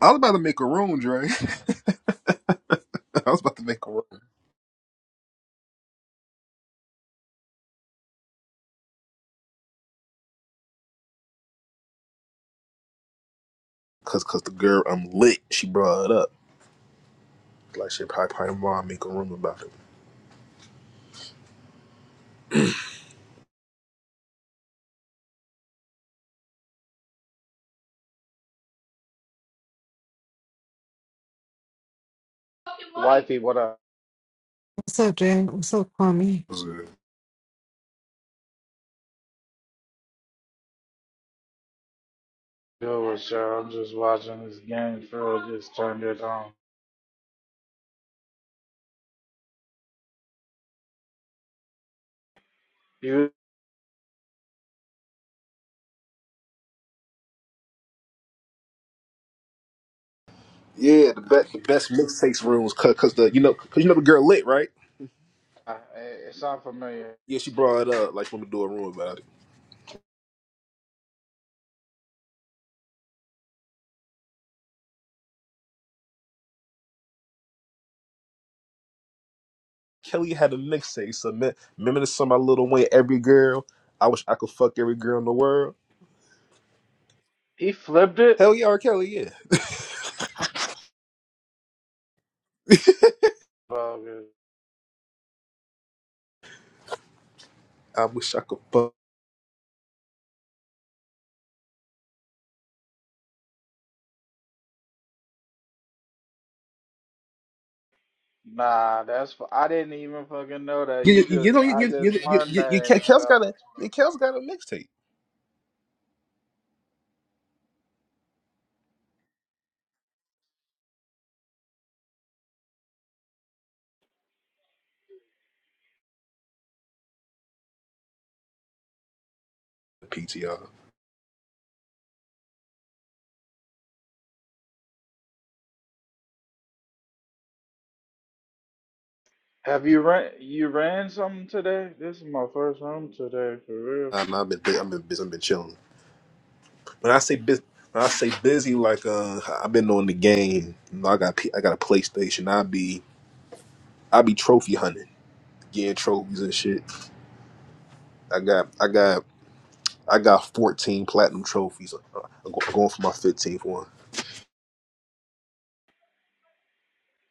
I was about to make a room, Dre. I was about to make a room. Cause, cause the girl, I'm lit. She brought it up. Like she probably probably tomorrow make a room about it. Wifey, what I What's up, Jay? What's up, Kwame? Was it- do was uh, I'm just watching this game. Phil just turned it on. You, Yeah, the best the best mixtapes rooms. Cause, cause the you know cause you know the girl lit right. uh, it's unfamiliar. Yeah, she brought it up. Like she wanted to do a room about it. Kelly had a mixtape. So me- remember the song my little Wayne, every girl. I wish I could fuck every girl in the world. He flipped it. Hell yeah, R. Kelly, yeah. Bogus. I wish I could fuck. Nah, that's fu- I didn't even fucking know that. You, You you, you just know you I you just you you, learned you, that you in 2025. Kel's got a you Kel's got a mixtape. PTR. Have you ran you ran something today? This is my first home today for real. Um, I've been bu- I've been busy. I've been chilling. When I say busy, when I say busy, like uh, I've been on the game. You know, I got P- I got a PlayStation. I be I be trophy hunting, getting trophies and shit. I got I got I got fourteen platinum trophies. Uh, I'm go- going for my fifteenth one.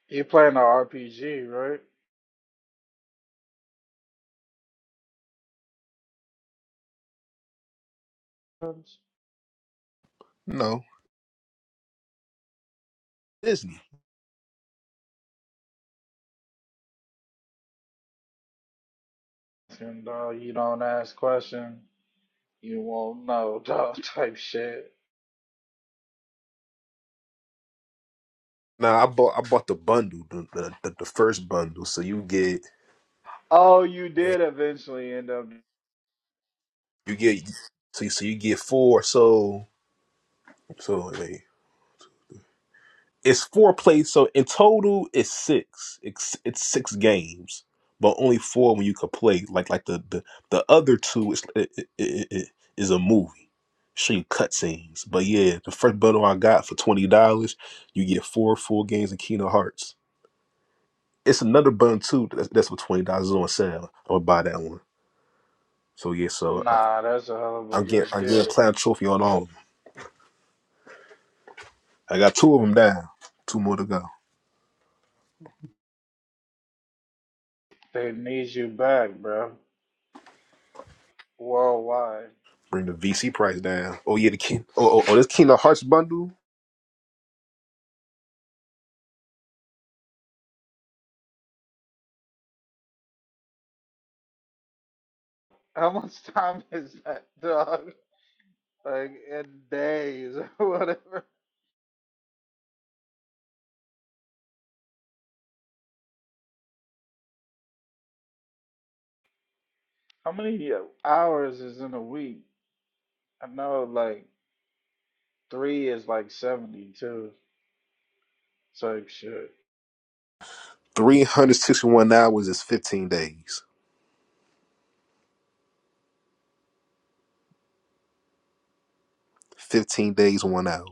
You playing the RPG, right? No Disney. And uh, you don't ask questions, you won't know dog type shit. Nah, I bought I bought the bundle, the the, the, the first bundle. So you get Oh, you did eventually end up. you get so you, so you get four. So so hey, It's four plays, so in total it's six. It's it's six games, but only four when you could play. Like like the the, the other two is it, it, it, it is a movie. Show you cutscenes, but yeah, the first bundle I got for twenty dollars, you get four full games of Kingdom Hearts. It's another bundle too. That's, that's for twenty dollars on sale. I'm gonna buy that one. So yeah, so I, Nah, that's a hell of a I'm getting good I'm deal. getting platinum trophy on all of them. I got two of them down. Two more to go. They need you back, bro. Worldwide. Bring the VC price down. Oh yeah, the King. Oh, oh, oh this Kingdom Hearts bundle. How much time is that, dog? Like in days or whatever. How many uh, hours is in a week? I know, like three is like seventy-two type shit. 361 hours is 15 days. 15 days, one hour.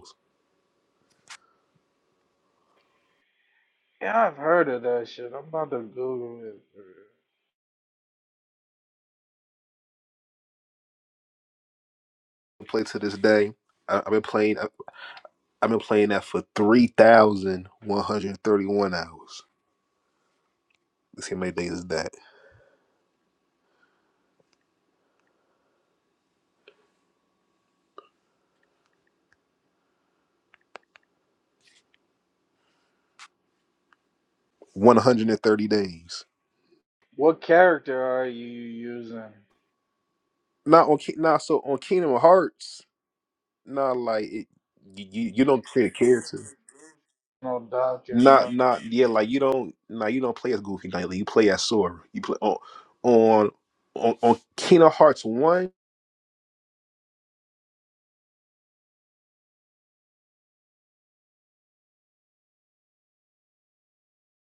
Yeah, I've heard of that shit. I'm about to Google it. bro. Play to this day. I, I've been playing. I, I've been playing that for 3,131 hours. Let's see how many days is that? 130 days. What character are you using? Not on. Ki- Not so on Kingdom Hearts. Not like it, you. You don't create a character. No doctor, Not no. not yeah. Like you don't. Now you don't play as Goofy Knight. Like, you play as Sora. You play on on on, on Kingdom Hearts one.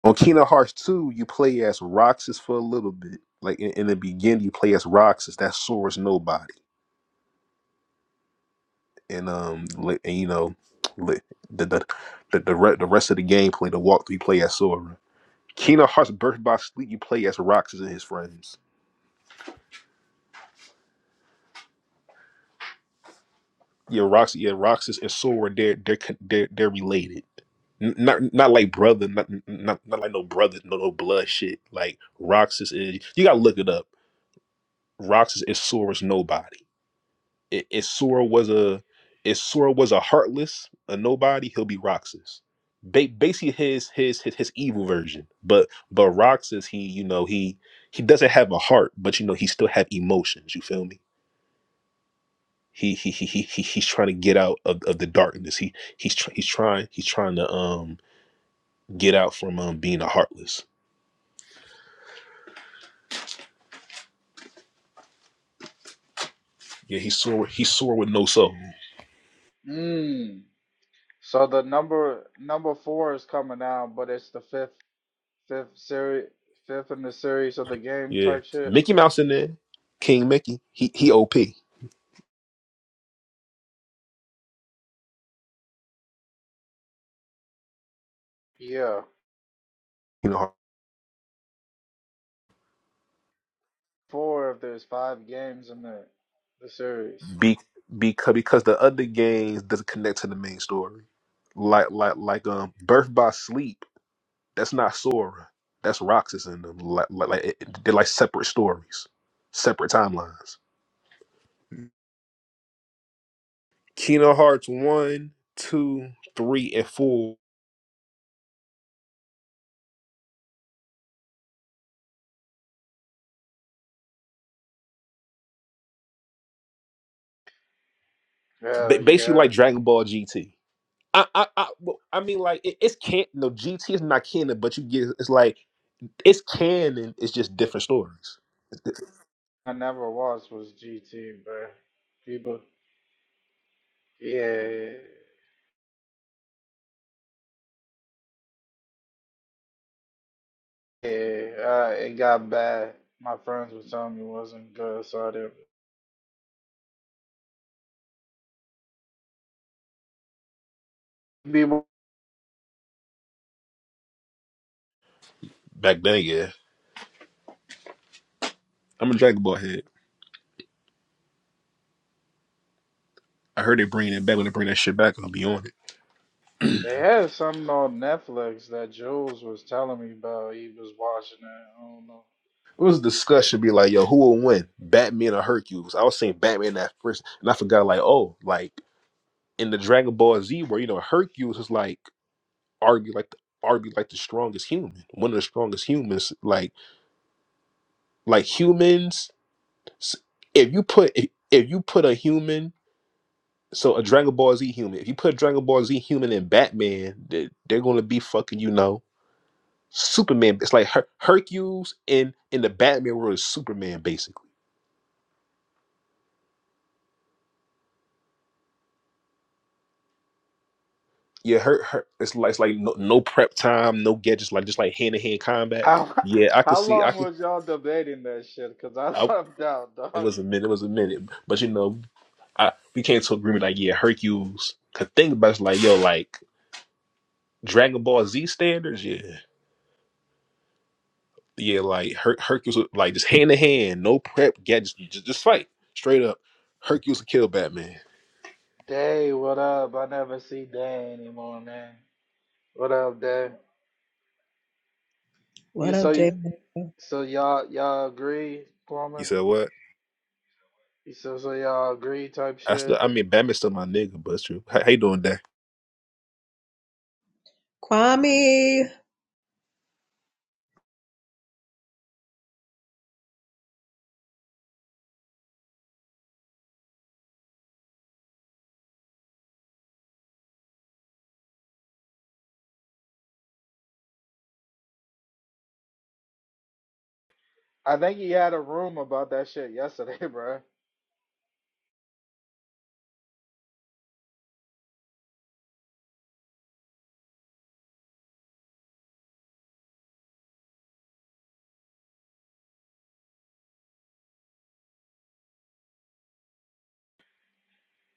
On Kingdom Hearts 2, you play as Roxas for a little bit. Like in, in the beginning, you play as Roxas. That Sora's nobody, and um, li- and, you know, li- the the the the, re- the rest of the gameplay, the walkthrough, you play as Sora. Kingdom Hearts Birth by Sleep, you play as Roxas and his friends. Yeah, Roxas, yeah, Roxas and Sora, they're they're con- they're, they're related. N- Not not like brother, not not not like no brother, no no blood shit. Like Roxas is, you gotta look it up. Roxas is Sora's nobody I- If Sora was a if Sora was a heartless, a nobody, he'll be Roxas. Ba- basically his, his his his evil version. But but Roxas, he you know he he doesn't have a heart, but you know he still have emotions. You feel me? He he he he, he he's trying to get out of, of the darkness. He he's tr- he's trying he's trying to um get out from um being a heartless. Yeah, he's sore he's sore with no soul. Mmm. So the number number four is coming out, but it's the fifth fifth series fifth in the series of the game Yeah, type shit. Mickey Mouse in there, King Mickey. He he op. You Yeah, know. four if there's five games in the the series. Be, because because the other games doesn't connect to the main story. Like like like um Birth by Sleep, that's not Sora. That's Roxas in them. Like like, like it, they're like separate stories, separate timelines. Kingdom Hearts one, two, three, and four. ba- Hell Basically yeah, like Dragon Ball GT. I I I, well, I mean like it, it's can no GT is not canon, but you get it's like it's canon. It's just different stories. I never watched was GT, bro. People, yeah, yeah, uh, it got bad. My friends were telling me it wasn't good, so I didn't. People, Back then, yeah. I'm a Dragon Ball head. I heard they bringing it back. When they bring that shit back, I'm gonna be on it. they had something on Netflix that Jules was telling me about. He was watching it. I don't It was a know. discussion, be like, yo, who will win, Batman or Hercules? I was saying Batman at first, and I forgot, like, oh, like in the Dragon Ball Z, where you know Hercules is like argue like the argue like the strongest human, one of the strongest humans. Like, like humans, s- if you put if, if you put a human, so a Dragon Ball Z human, if you put a Dragon Ball Z human in Batman, they, they're gonna be fucking you know Superman. It's like Her- Hercules in in the Batman world is Superman basically. Yeah, her, her it's like it's like no, no prep time, no gadgets, like just like hand to hand combat. How Yeah, I could how see, I long could. was y'all debating that shit? Cause I I, left out, it dog. was a minute, it was a minute, but you know, I, we came to agreement like yeah, Hercules. Cause think about it, it's like yo, like Dragon Ball Z standards, yeah, yeah, like her, Hercules, would- like just hand to hand, no prep gadgets, just, just fight straight up. Hercules would kill Batman. Day, what up? I never see Day anymore, man. What up, Day? What You up, so J. you so y'all y'all agree, You Plumber? said what? You so so y'all agree type I still, shit? I mean, Batman's still my nigga, but it's true. How, how you doing, day? Kwame? I think he had a room about that shit yesterday, bro.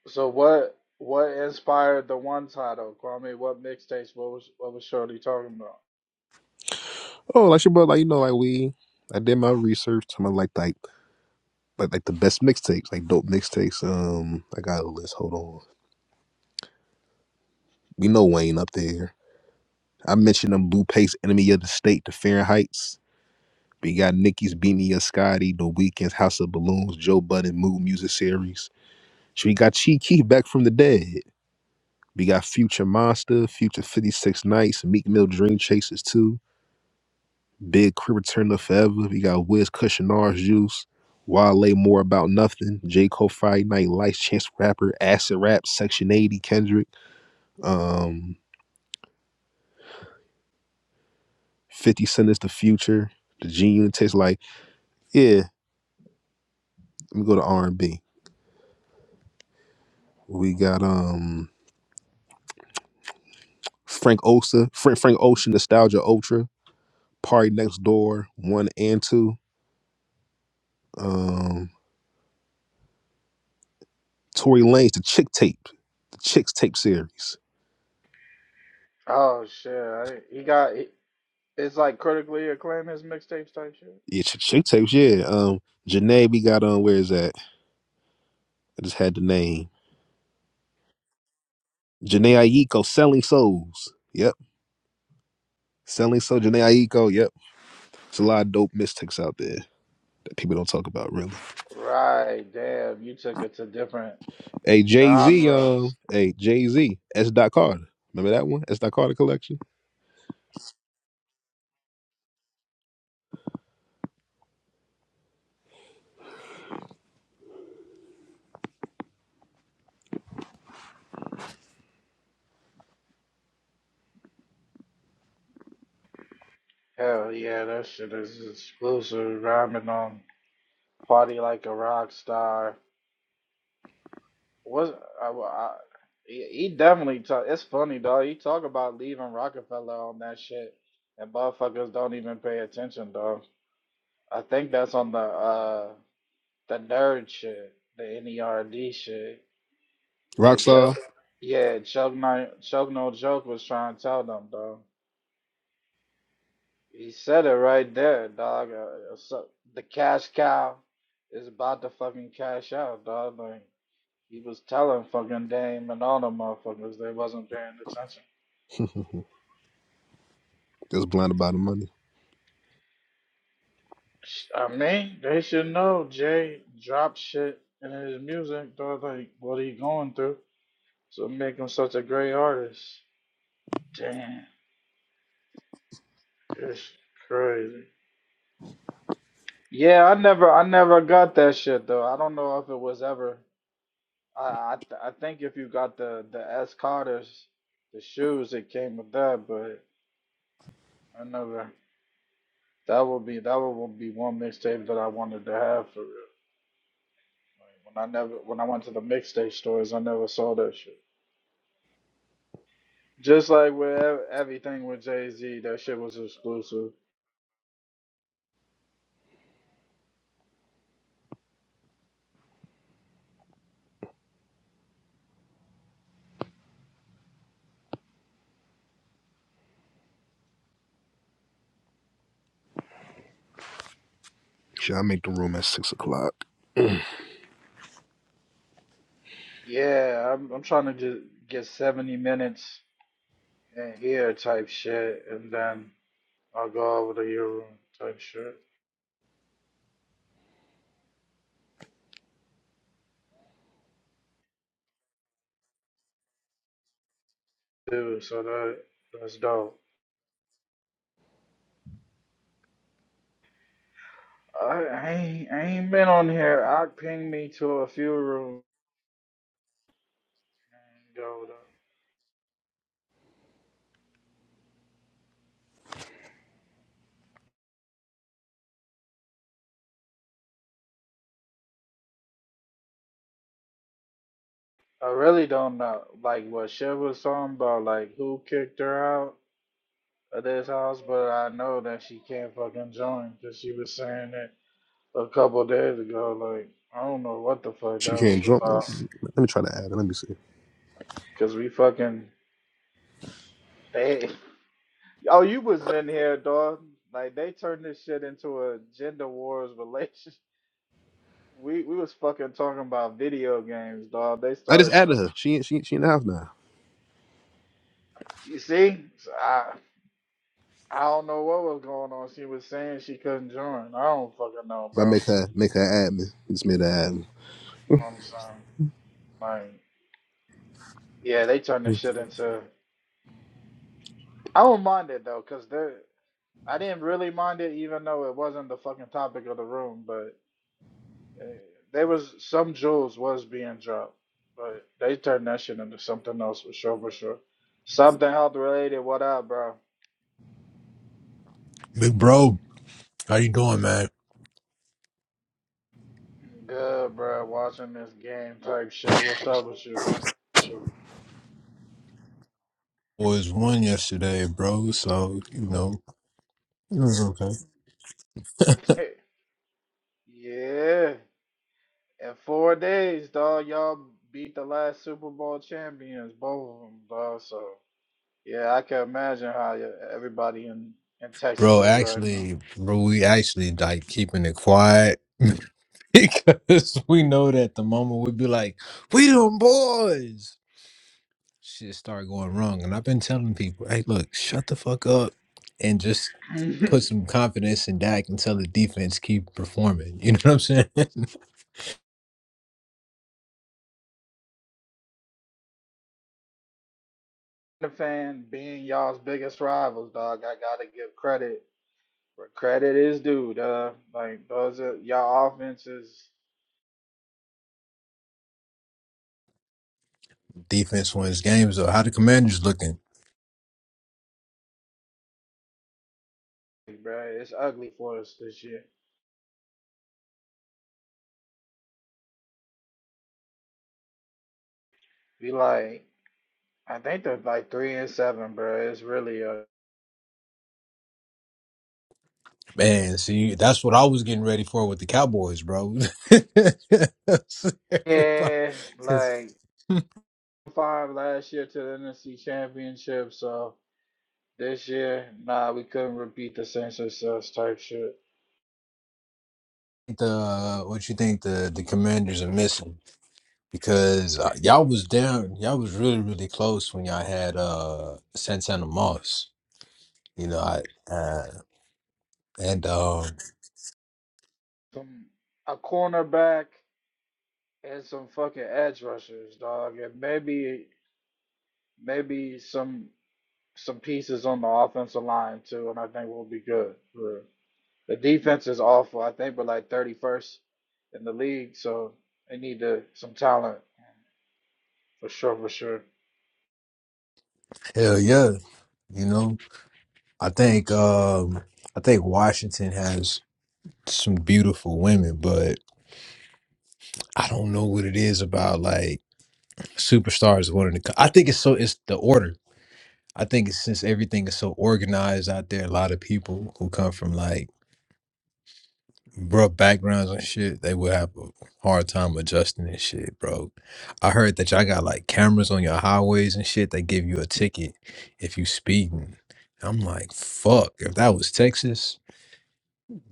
So what what inspired the one title, Kwame? What mixtapes? What was what was Shorty talking about? Oh, like your brother, like you know, like we, I did my research. Some of like like like like the best mixtapes, like dope mixtapes. Um, I got a list. Hold on, we know Wayne up there. I mentioned them Bluepace, Enemy of the State, The Fahrenheit's. We got Nicky's Beat Me Up, Scotty, The Weeknd's House of Balloons, Joe Budden Mood Music Series. So we got Chi Key back from the dead. We got Future Monster, Future 56 Nights, Meek Mill Dream Chasers too. Big Crit Return to Forever. We got Wiz Cushionar's Juice. Wale More About Nothing. J. Cole Fire Night Lights Chance the Rapper. Acid Rap Section 80 Kendrick. Um 50 Cent is the future. The G Unit tastes like. Yeah, let me go to R and B. We got um Frank Ocean, Frank Frank Ocean, Nostalgia Ultra, Party Next Door, One and Two. Um Tory Lanez, the Chick Tape, the Chicks Tape series. Oh shit, I, he got he, it's like critically acclaimed his mixtapes type shit. Yeah, Ch- Chick Tapes, yeah. Um Janae, we got on where is that? I just had the name. Janae Aiko, Selling Souls. Yep. Selling Soul, Janae Aiko. Yep. It's a lot of dope mystics out there that people don't talk about, really. Right, damn, you took it to different Hey, Jay Z, genres. um, hey, Jay Z, S. Dot Carter. Remember that one? S. Dot Carter collection. Hell yeah, that shit is exclusive. Rhyming on "Party Like a Rock Star." Was I, well, I, he he definitely talk? It's funny, dog. He talk about leaving Rockefeller on that shit, and motherfuckers don't even pay attention, dog. I think that's on the uh the nerd shit, the NERD shit. Like Chuck, Rockstar. yeah, Chuck, Ni- Chuck No Joke was trying to tell them, dog. He said it right there, dog. Uh, uh, so the cash cow is about to fucking cash out, dog. Like he was telling fucking Dame and all the motherfuckers they wasn't paying attention. just blinded by the money. I mean, they should know Jay dropped shit in his music, dog. Like what he going through, so make him such a great artist. Damn, it's crazy. Yeah, I never, I never got that shit though. I don't know if it was ever. I I, th- I think if you got the the S Carter's the shoes, it came with that. But I never. That would be that would be one mixtape that I wanted to have for real. Like, when I never when I went to the mixtape stores, I never saw that shit. Just like with ev- everything with Jay Z, that shit was exclusive. Should I make the room at six o'clock? Yeah, I'm I'm trying to just get 70 minutes in here type shit, and then I'll go over to your room type shit Dude, So that that's dope. I, I ain't, I ain't been on here. I pinged me to a few rooms ago. though. I really don't know, like what Shiv was talking about, like who kicked her out of this house, but I know that she can't fucking join because she was saying it a couple days ago. Like I don't know what the fuck She that was can't jump. about, Let me try to add her. Let me see. because we fucking they. Oh, you was in here, dog. Like they turned this shit into a gender wars relationship. We we was fucking talking about video games, dog. They I just started added her. talking. She she she in the house now. You see, So I I don't know what was going on. She was saying she couldn't join. I don't fucking know, But I bro. make her make her admin. Just made her admin. You know what I'm saying? Like, yeah, they turned this shit into. I don't mind it though, cause they I didn't really mind it, even though it wasn't the fucking topic of the room. But eh, there was some jewels was being dropped, but they turned that shit into something else for sure, for sure. Something health related. What up, bro? Big bro, how you doing, man? Good, bro. Watching this game type shit. What's up with you? Was one yesterday, bro. So you know it was okay, Yeah, in four days, dog, y'all beat the last Super Bowl champions, both of them, dog. So yeah, I can imagine how y- everybody in in Texas bro. is right now. Actually, bro, we actually like keeping it quiet because we know that the moment we be like, "We them boys," shit start going wrong. And I've been telling people, "Hey, look, shut the fuck up and just put the some confidence in Dak until the defense keep performing." You know what I'm saying? fan being y'all's biggest rivals, dog. I gotta give credit where credit is due, dog. Like those are y'all offenses, defense wins games. Though, how the Commanders looking? bro. It's ugly for us this year. We like, I think they're like three and seven, bro. It's really a Man, see, that's what I was getting ready for with the Cowboys, bro. Everybody, yeah, because like. five last year to the NFC Championship, so this year, nah, we couldn't repeat the same success type shit. the what you think the the Commanders are missing because uh, y'all was down, y'all was really really close when y'all had uh Santana Moss, you know, I, uh, and um Some a cornerback and some fucking edge rushers, dog, and maybe maybe some some pieces on the offensive line too, and I think we'll be good. For the defense is awful. I think we're like thirty first in the league, so they need to, some talent for sure, for sure. hell yeah, you know, I think um I think Washington has some beautiful women, but I don't know what it is about like. superstars wanting to co- I think it's so it's the order. I think it's since everything is so organized out there, a lot of people who come from like rough backgrounds and shit, they will have a hard time adjusting and shit, bro. I heard that y'all got like cameras on your highways and shit. They give you a ticket if you speeding. I'm like, fuck. If that was Texas,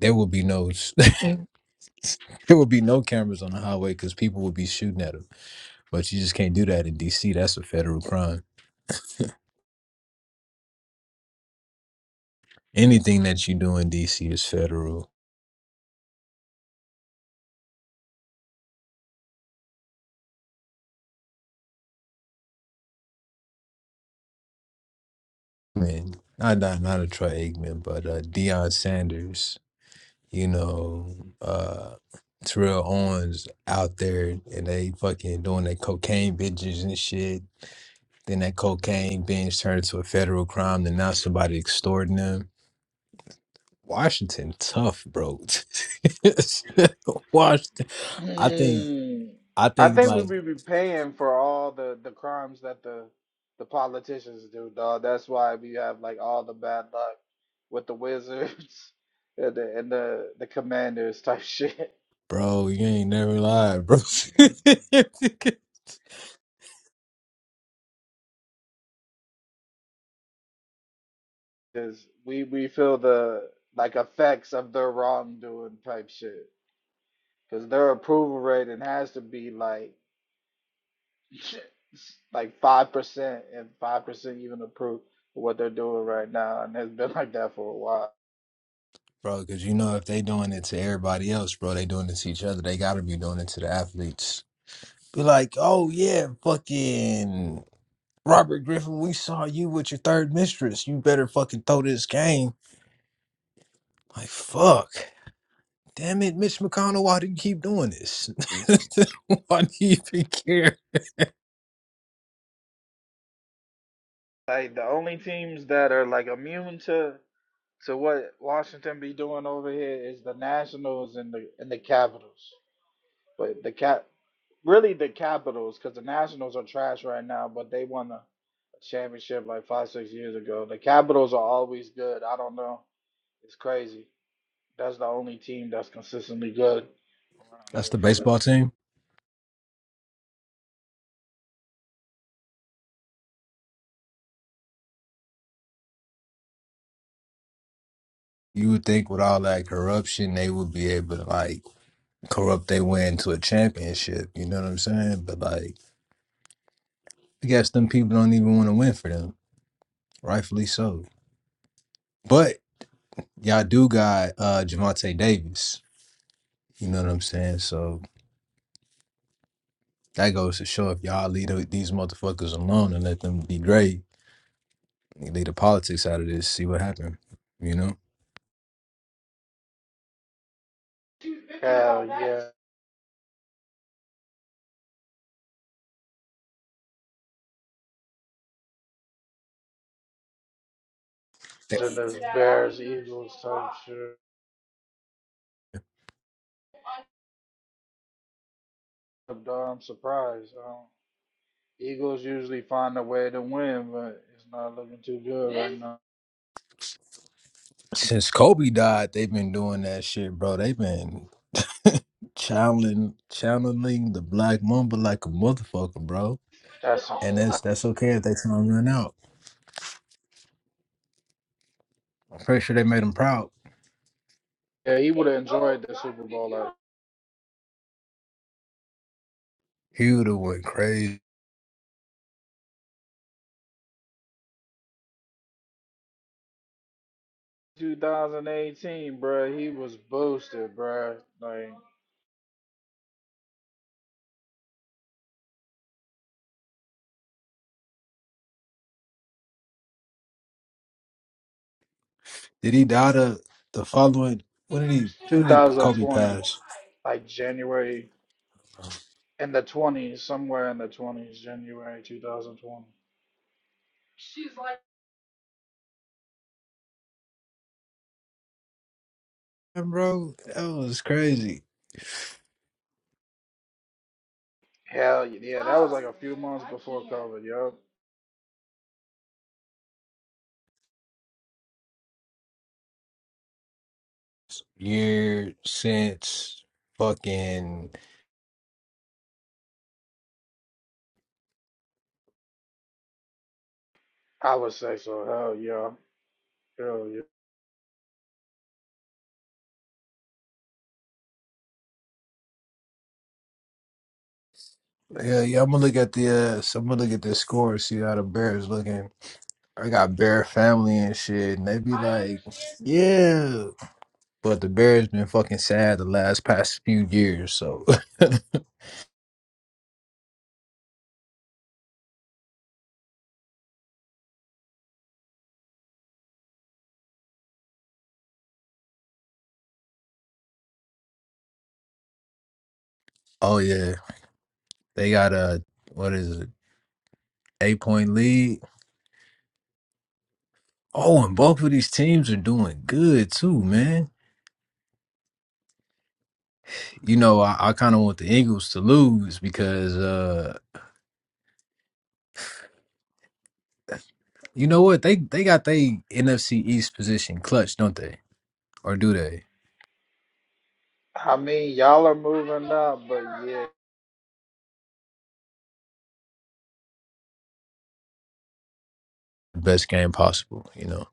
there would be no s- there would be no cameras on the highway because people would be shooting at them. But you just can't do that in DC. That's a federal crime. Anything that you do in DC is federal. And not not, not a Troy Aikman, but uh, Deion Sanders, you know, uh, Terrell Owens out there, and they fucking doing their cocaine binges and shit. Then that cocaine binge turned into a federal crime. Then now somebody extorting them. Washington tough, bro. Washington, I think Hmm. I I think think we like, be be paying for all the the crimes that the the politicians do, dog. That's why we have like all the bad luck with the wizards and the and the, the commanders type shit. bro, you ain't never lied, bro. Cause we we feel the like effects of their wrongdoing type shit. Cause their approval rating has to be like like five percent and five percent even approve of what they're doing right now, and it's been like that for a while. bro. Because you know, if they doing it to everybody else, bro, they doing it to each other. They gotta be doing it to the athletes. Be like, oh yeah, fucking Robert Griffin, we saw you with your third mistress. You better fucking throw this game. Like, fuck. Damn it, Mitch McConnell, why do you keep doing this? why do you even care? Like the only teams that are like immune to to what Washington be doing over here is the Nationals and the and the Capitals. But the cap really the Capitals because the Nationals are trash right now, but they won a championship like five six years ago. The Capitals are always good. I don't know, it's crazy. That's the only team that's consistently good around That's here the for the baseball team. You would think with all that corruption, they would be able to like corrupt their way into a championship. You know what I'm saying? But like, I guess them people don't even want to win for them. Rightfully so. But y'all do got uh Javante Davis. You know what I'm saying? So that goes to show if y'all leave th- these motherfuckers alone and let them be great, leave the politics out of this, see what happened. You know? Hell yeah, Th- and there's Bears, Eagles type shit. I'm surprised. I don't Eagles usually find a way to win, but it's not looking too good right now. Since Kobe died, they've been doing that shit, bro. They've been channeling channeling the black mamba like a motherfucker, bro. That's a, And that's that's okay if they time run out. I'm pretty sure they made him proud. yeah. He would have enjoyed the Super Bowl. Like He would have went crazy. 2018, bruh, He was boosted, bruh. Like Did he die the the following? When did he? When did he? Kobe 2020, pass. like January in the 20s, somewhere in the 20s, January 2020. And bro, that was crazy. Hell yeah, that was like a few months before COVID. Yup, Year since fucking I would say so. Hell yeah, hell yeah. yeah, yeah. I'm gonna look at the. Uh, so I'm gonna look at the score. See how the Bears looking. I got Bear family and shit, and they be like, yeah. But the Bears been fucking sad the last past few years. So, oh yeah, they got a what is it? Eight point lead. Oh, and both of these teams are doing good too, man. you know, I, I kind of want the Eagles to lose because uh, you know what they they got they NFC East position clutch, don't they? Or do they? I mean, y'all are moving up, but Best game possible, you know.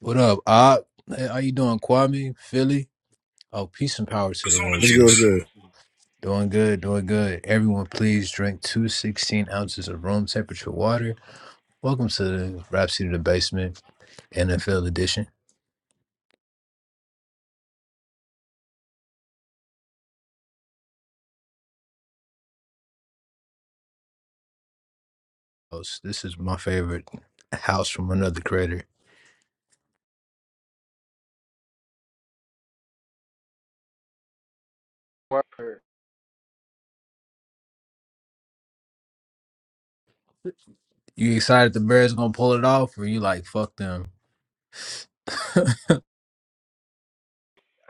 What up? I, hey, how you doing, Kwame? Philly? Oh, peace and power to the room too. Let's go. Doing good, doing good. Everyone, please drink two sixteen ounces of room temperature water. Welcome to the Rhapsody of the Basement NFL edition. This is my favorite house from another creator. yeah. You excited the Bears gonna pull it off, or you like fuck them?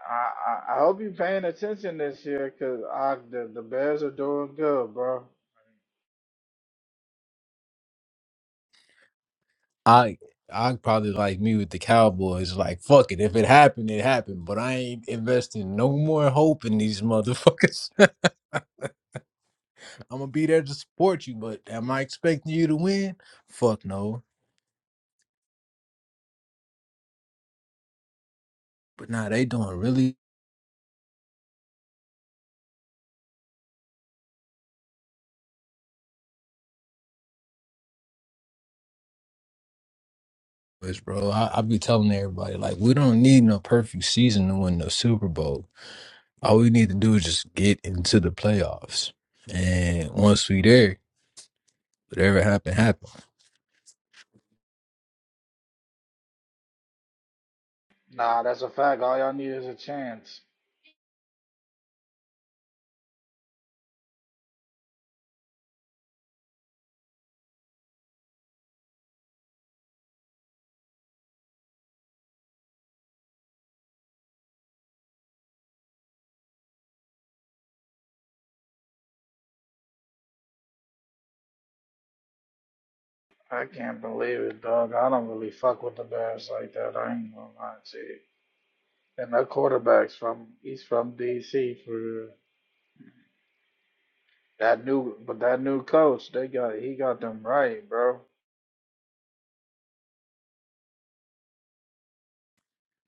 I, I I hope you paying attention this year because the, the Bears are doing good, bro. I I probably like me with the Cowboys. Like fuck it, if it happened, it happened. But I ain't investing no more hope in these motherfuckers. I'm gonna be there to support you, but am I expecting you to win? Fuck no. But nah, they doing really good, bro. I, I be telling everybody like we don't need no perfect season to win the Super Bowl. All we need to do is just get into the playoffs, and once we there, whatever happened, happened. Nah, that's a fact. All y'all need is a chance. I can't believe it, dog. I don't really fuck with the Bears like that. I ain't gonna lie to you. And that quarterback's from he's from DC for real. that new but that new coach they got he got them right, bro.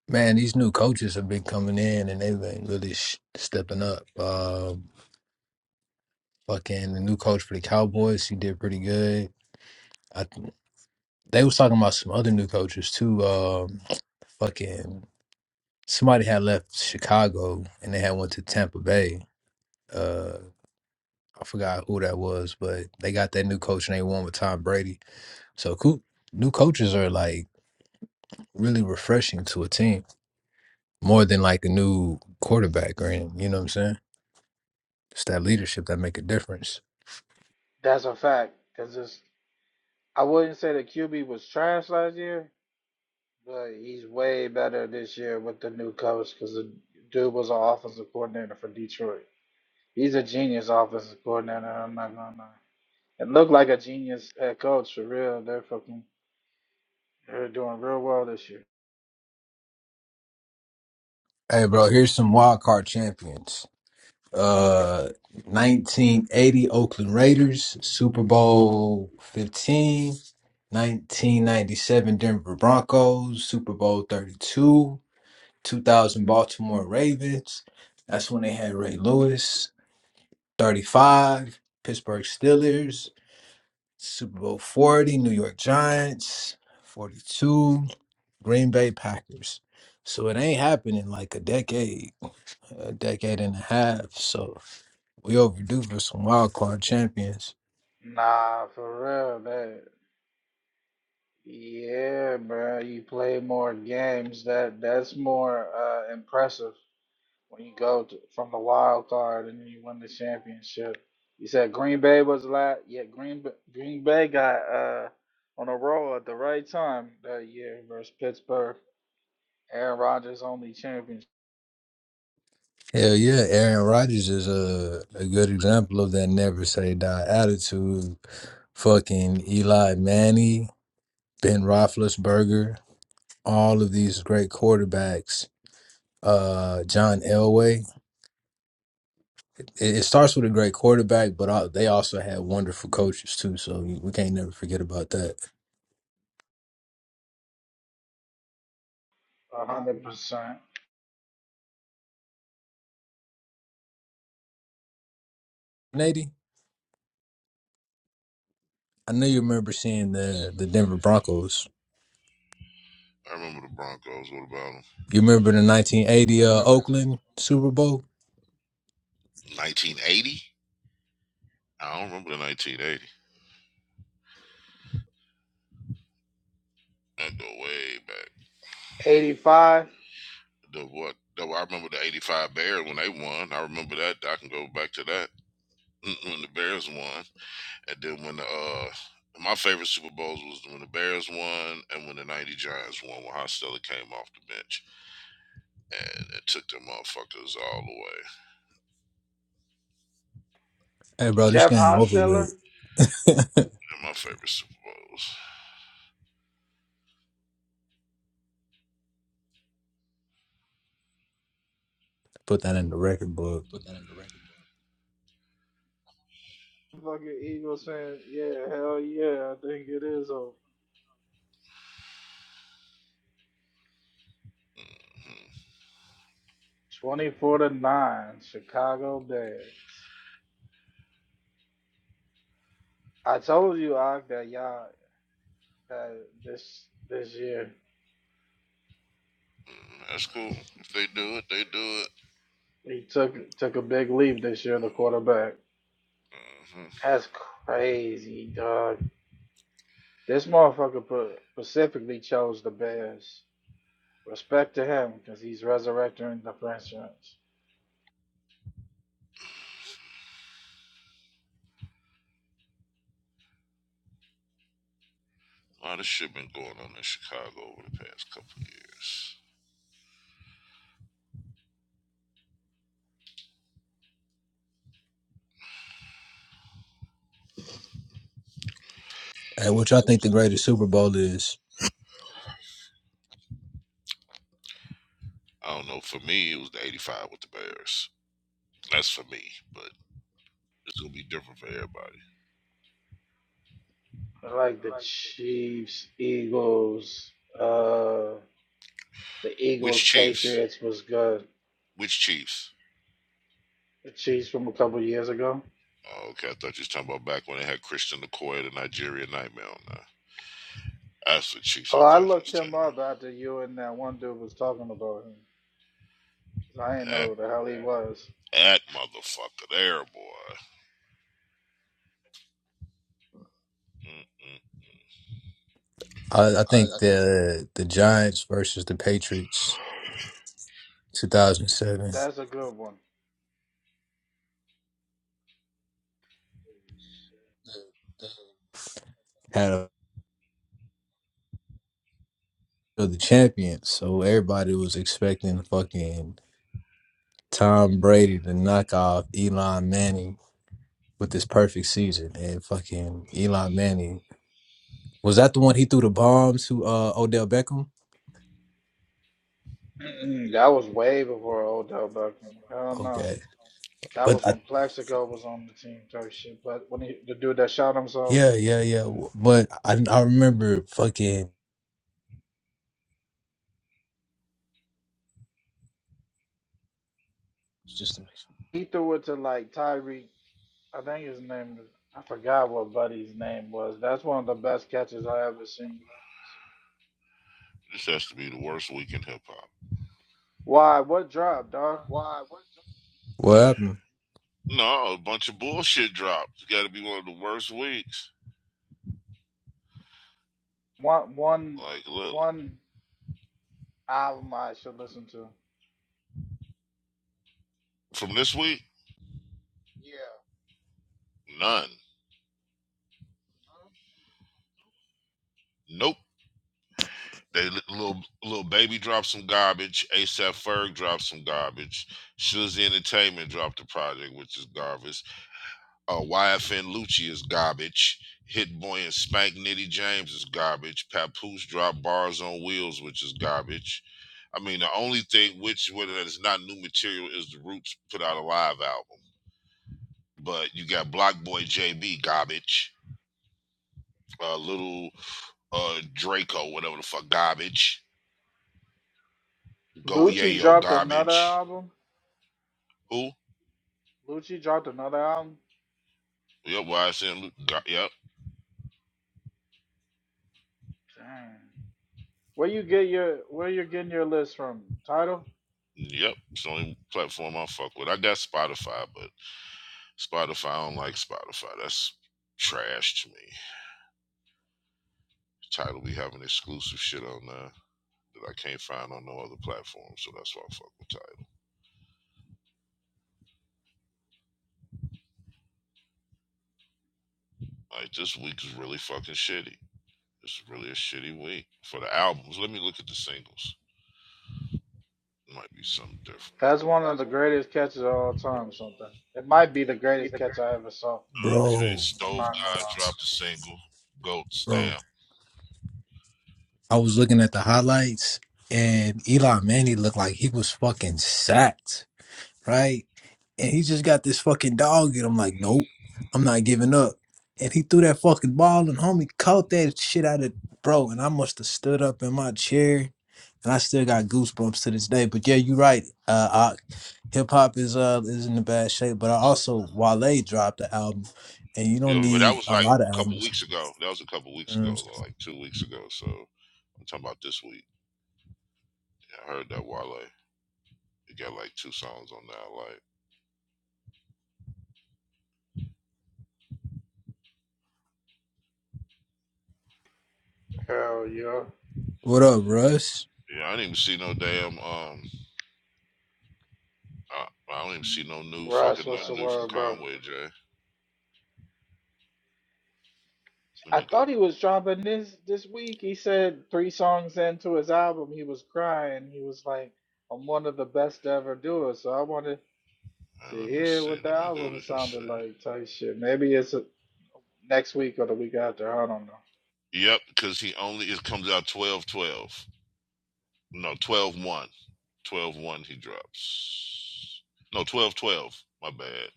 Man, these new coaches have been coming in and they've been really sh- stepping up. Uh, fucking the new coach for the Cowboys, he did pretty good. I, th- they was talking about some other new coaches too. Um, fucking somebody had left Chicago and they had went to Tampa Bay. Uh, I forgot who that was, but they got that new coach and they won with Tom Brady. So cool. New coaches are like really refreshing to a team more than like a new quarterback or anything. You know what I'm saying? It's that leadership that make a difference. That's a fact. Cause it's I wouldn't say the QB was trash last year, But he's way better this year with the new coach because the dude was an offensive coordinator for Detroit. He's a genius offensive coordinator. I'm not gonna lie. It looked like a genius head coach for real. They're fucking they're doing real well this year. Hey, bro, here's some wild card champions. Uh, 1980 Oakland Raiders, Super Bowl 15, 1997 Denver Broncos, Super Bowl 32, 2000 Baltimore Ravens. That's when they had Ray Lewis. 35 Pittsburgh Steelers, Super Bowl 40 New York Giants, 42 Green Bay Packers. So it ain't happened in like a decade a decade and a half. So we overdue for some wild card champions. Nah, for real. That yeah, bro. You play more games. That that's more uh, impressive when you go to, from the wild card and then you win the championship. You said Green Bay was last. Yeah, Green B- Green Bay got uh on a roll at the right time that year versus Pittsburgh. Aaron Rodgers only championship, Hell yeah, Aaron Rodgers is a, a good example of that never say die attitude. Fucking Eli Manning, Ben Roethlisberger, all of these great quarterbacks. Uh, John Elway. It, it starts with a great quarterback, but all, they also had wonderful coaches too. So we can't never forget about that. a hundred percent. Nady, I know you remember seeing I know you the the remember Denver Broncos them. I remember the Broncos. What about them? You remember the 1980 uh, Oakland Super Bowl? 1980? I don't remember the 1980. That go way back. Eighty five. The what? The, I remember the 85 Bears when they won. I remember that. I can go back to that. Mm, When the Bears won. And then when the, uh, my favorite Super Bowls was when the Bears won and when the 90 Giants won when Hostella came off the bench and it took them motherfuckers all the way. Hey, bro, this Jeff game over Hostetler. with. They're my favorite Super Bowls. Put that in the record book. Fucking Eagles saying, yeah, hell yeah, I think it is over. hmm Twenty four to nine, Chicago Bears. I told you Og, that y'all that this this year That's cool. If they do it, they do it. He took took a big leap this year, the quarterback. Mm-hmm. That's crazy, dog. This motherfucker specifically chose the Bears. Respect to him because he's resurrecting the franchise. A lot of shit been going on in Chicago over the past couple of years. Hey, what y'all think the greatest Super Bowl is? I don't know. For me, it was the '85 with the Bears. That's for me, but it's gonna be different for everybody. I like the Chiefs, Eagles, uh, the Which Eagles, Chiefs? Patriots was good. Which Chiefs? The Chiefs from a couple years ago. Oh, okay, I thought you was talking about back when they had Christian McCoy, the Nigerian Nightmare on there. That's the Chiefs. Oh, I I thought you looked was telling him up me. after you and that one dude was talking about him. 'Cause I didn't know That, who the hell he was. that motherfucker there, boy. Mm-mm. I, I I, think I the the Giants versus the Patriots, think 2007, That's a good one. had a, were the champions. So everybody was expecting fucking Tom Brady to knock off Elon Manning with this perfect season, and fucking Elon Manning was that the one he threw the bomb to uh, Odell Beckham? Mm-mm, that was way before Odell Beckham. Hell no. Okay. That was But I when Plaxico was on the team type shit. But when he, the dude that shot himself, Yeah, yeah, yeah. But I, I remember fucking he threw it to like Tyreek. I think his name, is- I forgot what Buddy's name was. That's one of the best catches I ever seen. This has to be the worst week in hip hop. Why? What drop, dog? why? What? what happened, No, a bunch of bullshit dropped. It's got to be one of the worst weeks. One, one, Like, look, one album I should listen to. from this week, none. Nope. They little little baby dropped some garbage. ASAP Ferg dropped some garbage. Shuzzy Entertainment dropped a project, which is garbage. Uh, YFN Lucci is garbage. Hit Boy and Spank Nitty James is garbage. Papoose dropped Bars on Wheels, which is garbage. I mean, the only thing which whether it's not new material is the Roots put out a live album. But you got Block Boy JB garbage uh, little uh Draco, whatever the fuck, garbage. Go Lucci Yayo, dropped another garbage. album. Who? Lucci dropped another album. Yep, YSN. Go- yep, Dang. Where you get your where you getting your list from? Title? yep. It's the only platform I fuck with. I got Spotify, but Spotify, I don't like Spotify. That's trash to me. Title be having exclusive shit on there that I can't find on no other platform, so that's why I fuck with Title. Like this week is really fucking shitty. It's really a shitty week for the albums. Let me look at the singles. It might be something different. That's one of the greatest catches of all time, something. It might be the greatest catch I ever saw. Okay, bro, I'm Stove not gonna God lie. dropped a single, Goat bro. Stamp. I was looking at the highlights, and Eli Manning looked like he was fucking sacked. right? And he just got this fucking dog, and I'm like, nope, I'm not giving up. And he threw that fucking ball, and homie caught that shit out of bro. And I must have stood up in my chair, and I still got goosebumps to this day. But yeah, you're right. Uh, hip hop is uh is in a bad shape, but I also Wale dropped the album, and you don't Yeah, but that need was a like lot of a couple albums. weeks ago. That was a couple you weeks know what I'm ago, saying? like two weeks ago. So I'm talking about this week. I heard that Wale. It got like two songs on that. Like, Hell yeah. What up, Russ? yeah, I didn't even see no damn. Um, I, I don't even see no new Russ, fucking what's the nothing new from word, bro? Conway Jay. Let I me go. thought he was dropping this this week. He said three songs into his album, he was crying. He was like, I'm one of the best to ever do it. So I wanted to uh, let me hear see. what the Let me go album to his sounded shit. like, type shit. Maybe it's uh next week or the week after. I don't know. Yep, because he only it comes out twelve twelve. No, 12 1. twelve one he drops. No, 12 12. My bad.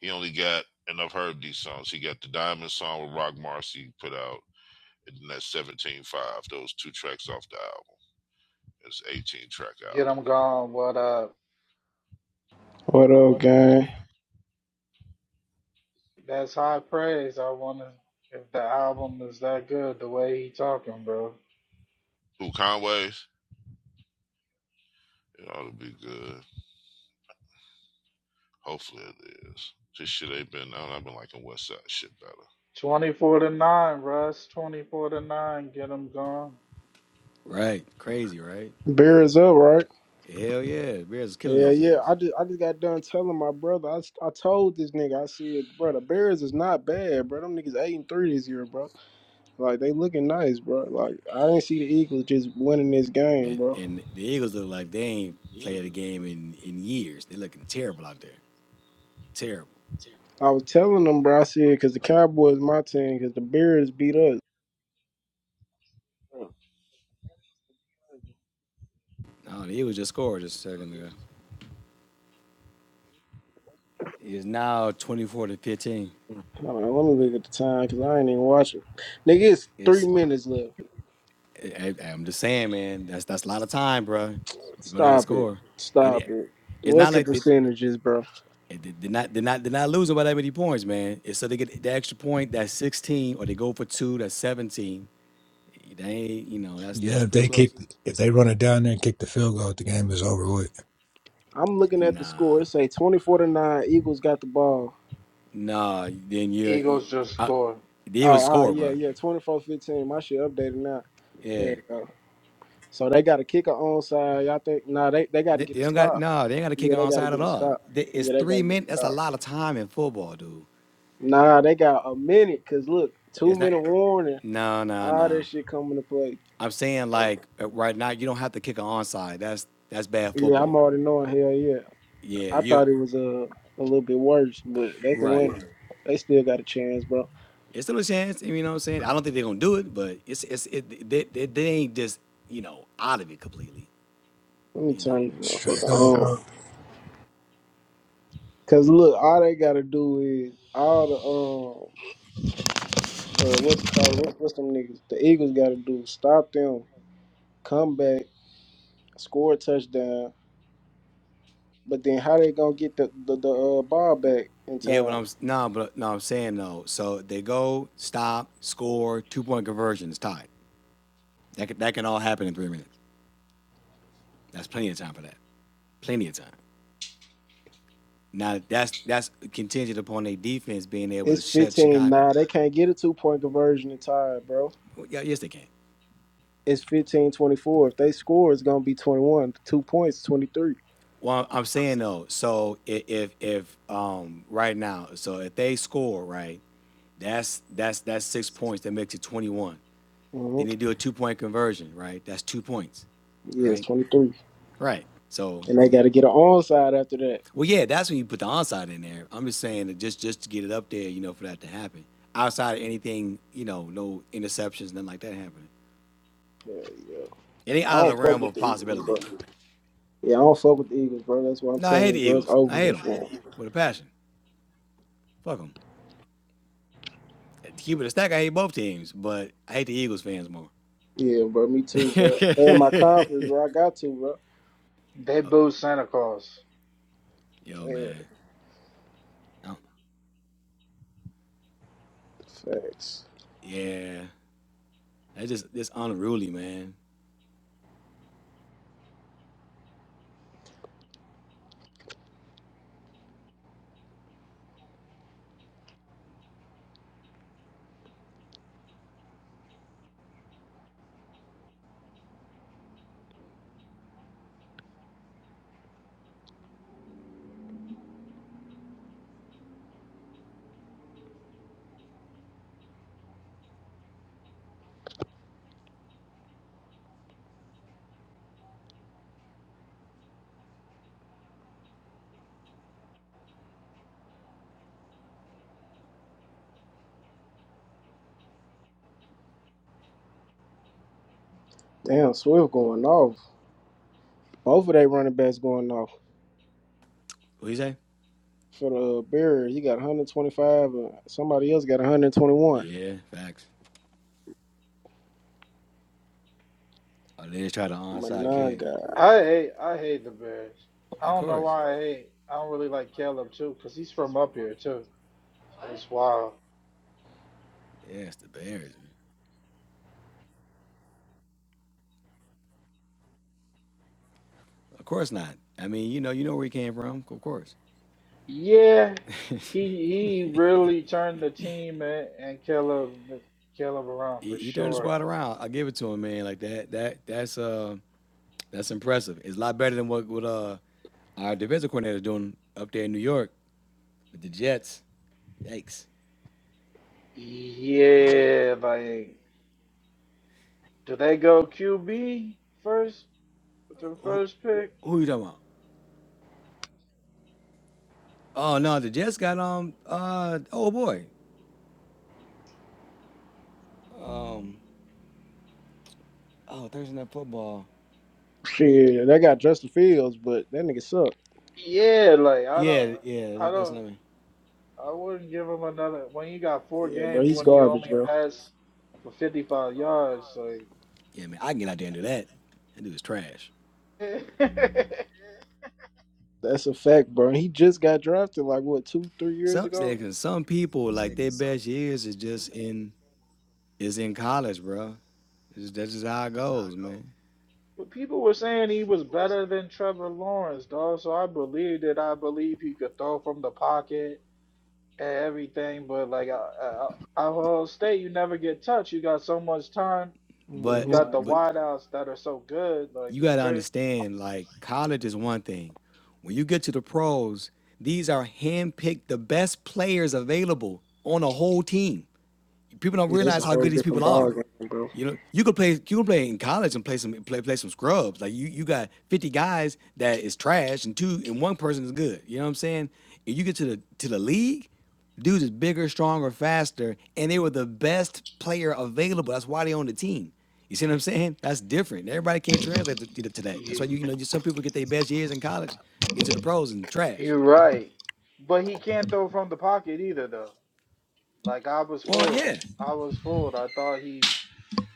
He only got, and I've heard these songs. He got the Diamond song with Rock Marcy put out, and then that's 17 five. Those two tracks off the album. It's 18 track album. Get him gone. What up? What up, gang? That's high praise. I wonder if the album is that good the way he talking, bro. Who, Conway? It ought to be good. Hopefully it is. This shit ain't been, I don't know, I've been liking West Side shit better. 24 to 9, Russ. 24 to 9. Get them gone. Right. Crazy, right? Beer is up, right? Hell yeah. The Bears is killing Yeah, these yeah. dudes. I just I just got done telling my brother. I, s- I told this nigga. I said, bro, the Bears is not bad, bro. Them niggas eight and three this year, bro. Like they looking nice, bro. Like I didn't see the Eagles just winning this game, And bro. and the Eagles look like they ain't played a game in, in years. They're looking terrible out there. Terrible. I was telling them, bro. I said, cause the Cowboys my team, cause the Bears beat us. No, the Eagles just scored just a second ago. It's now 24 to 15. Hold on, let me look at the time, cause I ain't even watching. Nigga, it's three It's minutes left. I, I- am just saying, man, that's that's a lot of time, bro. go down and Stop it. score. Stop It it. it's not What's the like they, percentages, bro? they- they're not they're not they're not losing by that many points, man. It's so they get the extra point, that's 16, or they go for two, that's 17. They ain't, you know, that's Yeah, that's if pretty they kick, close. if they run it down there and kick the field goal, the game is over with. I'm looking at the Nah, score. It say 24 to 9. Eagles got the ball. nah. Then you're, you, Eagles just I, scored. the Oh, Eagles all right, score, yeah, bro. yeah. 24-15. My shit updated now. There Yeah, you go. So they got a kicker onside. Y'all think nah they, they gotta they, get they a don't got stop. no. They ain't got to kick Yeah, an they gotta onside at get a all. stop. They, it's Yeah, they gotta three get a minutes. That's a stop. lot of time in football, dude. Nah, they got a minute, cause look, two It's not. minute warning. No, no, All that no. shit come into play. I'm saying like uh, right now, you don't have to kick an onside. That's that's bad Yeah, I'm football. already knowing hell yeah. Yeah, I you thought it was a uh, a little bit worse, but they can right. win. They still got a chance, bro. It's still a chance. You know what I'm saying? I don't think they're gonna do it, but it's it's it they, they, they ain't just you know out of it completely. Let me You know. turn this Straight motherfucker up. on. Cause look, all they gotta do is all the um uh, what's it called what, what's them niggas? The Eagles gotta do is stop them, come back, score a touchdown. But then how they gonna get the the, the uh, ball back in Yeah, but time? I'm no, but no, I'm saying though. So they go, stop, score, two point conversion is tied. That can, that can all happen in three minutes. That's plenty of time for that. Plenty of time. Now that's that's contingent upon their defense being able to It's shut 15 Chicago. Nah, they can't get a two point conversion in time, bro. Well, yeah, yes they can. It's 15 24. If they score, it's gonna be 21. Two points, 23. Well, I'm saying though. So i- if if um right now, so if they score right, that's that's that's six points. That makes it 21. hmm Then they do a two point conversion, right? That's two points Yeah, it's right? 23. Right. So And they gotta get an onside after that. Well, yeah, that's when you put the onside in there. I'm just saying that just just to get it up there, you know, for that to happen. Outside of anything, you know, no interceptions, nothing like that happening. Yeah, yeah. It ain't I out of the don't fuck realm with of the Eagles, possibility. bro. Yeah, I don't fuck with the Eagles, bro. That's what I'm No, I hate telling you, the bro. It's Eagles. over I hate with, them bro. with a passion. Fuck them. To keep it a stack, I hate both teams, but I hate the Eagles fans more. Yeah, bro. Me too, bro. And my conference, bro. I got to, bro. They Oh, booed Santa Claus. yo, Man, man. I don't- facts. yeah, that's just this unruly, man. Damn, Swift going off. Both of they running backs going off. What you say? For the uh, Bears, he got 125, and somebody else got 121. Yeah, facts. Oh, they just tried to My onside nine kick. guy. I hate I hate the Bears. I Of don't know course. why I hate. I don't really like Caleb too, because he's from up here too. It's wild. Yeah, it's the Bears. Man. Of course not. I mean, you know, you know where he came from. Of course, Yeah. He he really turned the team and, and Caleb Caleb around he, for he turned the sure. squad around. I give it to him, man. Like that, that, that's uh, that's impressive. It's a lot better than what what uh our defensive coordinator doing up there in New York with the Jets. Yikes! But Yeah, like Do they go QB first with the first pick? who you talking about? Oh no, the Jets got um uh oh boy. Oh Thursday night football. Shit, yeah, they got Justin Fields, but that nigga suck. Yeah, like I don't, Yeah, yeah, I that's don't, what I mean. I wouldn't give him another. When you got four Yeah, bro. games, He's when you garbage, only bro. pass for fifty-five yards, Yeah, man, I can get out there and do that. That dude is trash. like. That's a fact, bro. He just got drafted like what two, three years Some ago. some people like their best years is just in it's in college, bro. It's, that's just how it goes, man. But people were saying he was better than Trevor Lawrence, dog. So I believed it. I believe he could throw from the pocket and everything. But like, I, I, I Ohio State, you never get touched. You got so much time. Then you hmm But got the but wideouts that are so good. Like you it's got to crazy. understand, like college is one thing. When you get to the pros, these are handpicked the best players available on a whole team. People don't It's realize a how whole good these different people are. ball game, bro. You know, you could play you can play in college and play some play play some scrubs. Like you you got 50 guys that is trash and two and one person is good. You know what I'm saying? And you get to the to the league, dudes is bigger, stronger, faster, and they were the best player available. That's why they on the team. You see what I'm saying? That's different. Everybody can't translate to, to, that. That's why You you you know just some people get their best years in college, get to the pros and trash. you're right. But he can't throw from the pocket either though. Like I was Well, fooled. yeah. I was fooled. I thought he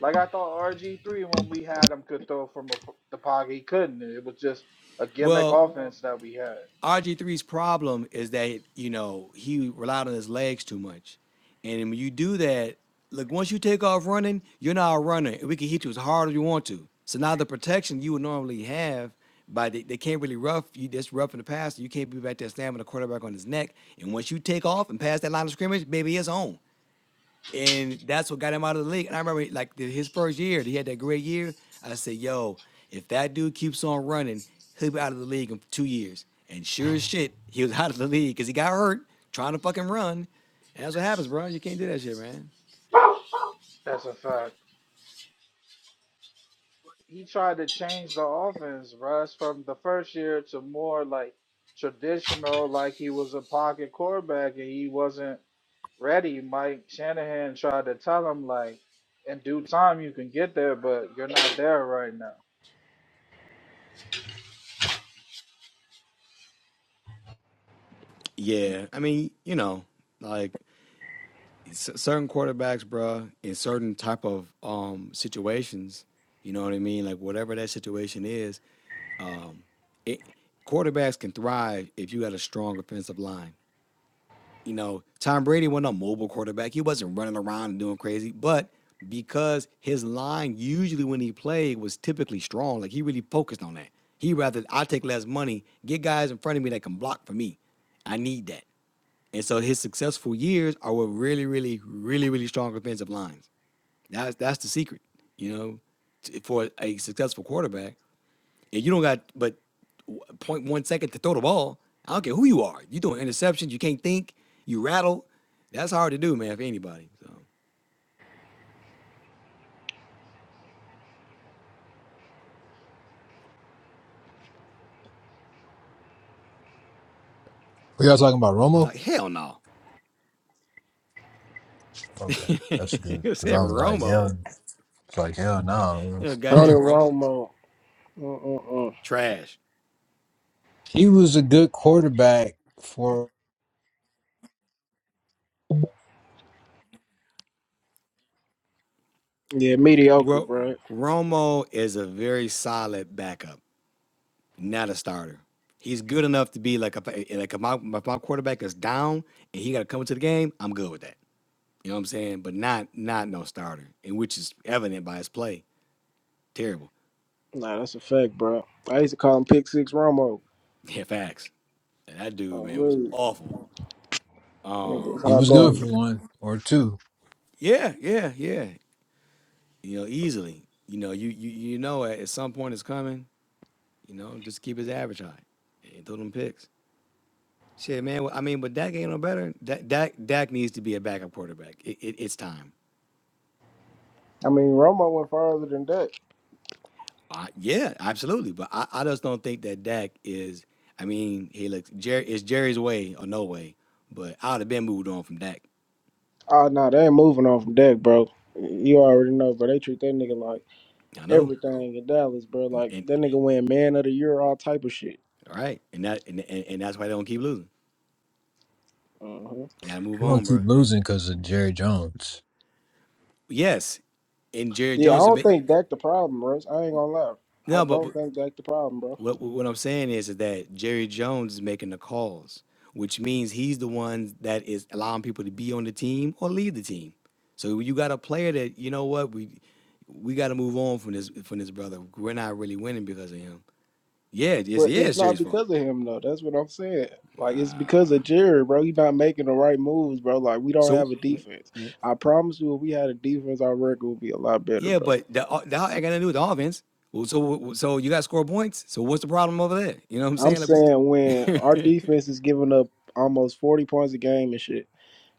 like I thought RG3 when we had him could throw from a, po- the pocket. He couldn't. It was just a gimmick Well, offense that we had. RG3's problem is that, you know, he relied on his legs too much. And when you do that, look, once you take off running, you're not a runner. And we can hit you as hard as you want to. So now the protection you would normally have, by they, they can't really rough you just rough in the past. You can't be back there slamming the quarterback on his neck. And once you take off and pass that line of scrimmage, baby, it's on and that's what got him out of the league. And I remember like the, his first year, he had that great year. I said, "Yo, if that dude keeps on running, he'll be out of the league in two years." And sure as shit, he was out of the league because he got hurt trying to fucking run. And that's what happens, bro. You can't do that shit, man. That's a fact. He tried to change the offense, Russ, from the first year to more like traditional like he was a pocket quarterback and he wasn't ready, Mike Shanahan tried to tell him like, in due time you can get there, but you're not there right now. Yeah, I mean, you know, like c- certain quarterbacks, bro, in certain type of um situations, you know what I mean? Like whatever that situation is, um, it, quarterbacks can thrive if you got a strong offensive line. You know, Tom Brady wasn't a mobile quarterback. He wasn't running around and doing crazy, but because his line usually when he played was typically strong, like he really focused on that. He rather I take less money, get guys in front of me that can block for me. I need that. And so his successful years are with really, really, really, really strong offensive lines. That's that's the secret, you know, t- for a successful quarterback yeah, you don't got but zero point 0.1 second to throw the ball. I don't care who you are. You doing interceptions. You can't think. You rattle. That's hard to do, man, for anybody. So we y'all talking about, Romo? like hell no. Okay, that's good. it Because said I was like, Romo. hell, it's like hell no. You know, Tony goddamn Romo. Romo. Mm-mm-mm. Trash. he was a good quarterback for. Yeah, mediocre, Well, bro. Romo is a very solid backup, not a starter. He's good enough to be like if like if my, if my quarterback is down and he got to come into the game. I'm good with that. You know what I'm saying? But not not no starter, and which is evident by his play. Terrible. Nah, that's a fact, bro. I used to call him Pick Six Romo. Yeah, facts. And that dude, Oh, man, was really? It awful. was He Um, hot was good for garbage. one or two. yeah, yeah, yeah. You know, easily. You know, you you you know at at some point it's coming. You know, just keep his average high and throw them picks. Shit, man. well, I mean, but Dak ain't no better. Dak Dak, Dak needs to be a backup quarterback. It, it, it's time. I mean, Romo went farther than Dak. I, yeah, absolutely. But I, I just don't think that Dak is. I mean, he looks. Jerry, it's Jerry's way or no way. But I'd have been moved on from Dak. Oh, no, they ain't moving on from Dak, bro. You already know, bro. They treat that nigga like I know. everything in Dallas, bro. And, Like, and that nigga win Man of the Year, all type of shit. all right, and that and, and, and that's why they don't keep losing. Uh huh. You gotta move He on, won't keep bro. losing because of Jerry Jones. Yes, and Jerry Yeah, I Jones is don't making. think Dak the problem, bro. I ain't gonna lie. I no, but, don't but think Dak the problem, bro. what what I'm saying is, is that Jerry Jones is making the calls, which means he's the one that is allowing people to be on the team or leave the team. So you got a player that you know what we we got to move on from this from this brother. We're not really winning because of him. Yeah, yes, But yeah, it's it's not Jerry's fault. because of him though. That's what I'm saying. Like it's because of Jared, bro. He's not making the right moves, bro. Like we don't have So a w- defense. w- I promise you, if we had a defense, our record would be a lot better, yeah, bro. but the o- the I got to do with the offense. Well, so so you got to score points. So what's the problem over there? You know what I'm I'm saying? saying when Like we, our defense is giving up almost 40 points a game and shit,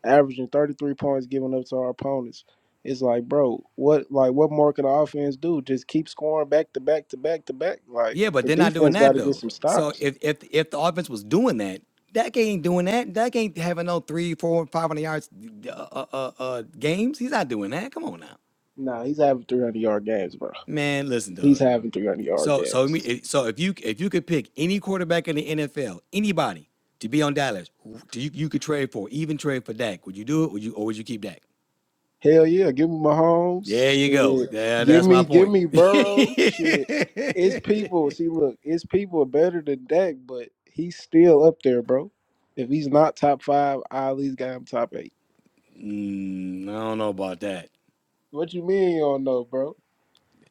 averaging 33 points giving up to our opponents, it's like, bro, what like what more can the offense do? Just keep scoring back to back to back to back. Like Yeah, but the they're not doing defense got that to get though. some So stops. if if if the offense was doing that, Dak ain't doing that. Dak ain't having no three, four, five hundred yards uh, uh, uh, uh, games. He's not doing that. Come on now, Nah, he's having 300 yard games, bro. man. Listen, He's dog. having 300 yard So so games. me- it- so if you if you could pick any quarterback in the NFL, anybody to be on Dallas, who do you you could trade for, even trade for Dak. Would you do it? Would you or would you keep Dak? Hell yeah, give me There Mahomes. you go. Shit. There, Give that's my me, give point. me Burrow. Shit. It's people. See, look, it's people better than Dak, but he's still up there, bro. If he's not top five, I at least got him top eight. Mm, I don't know about that. What you mean you don't know, bro?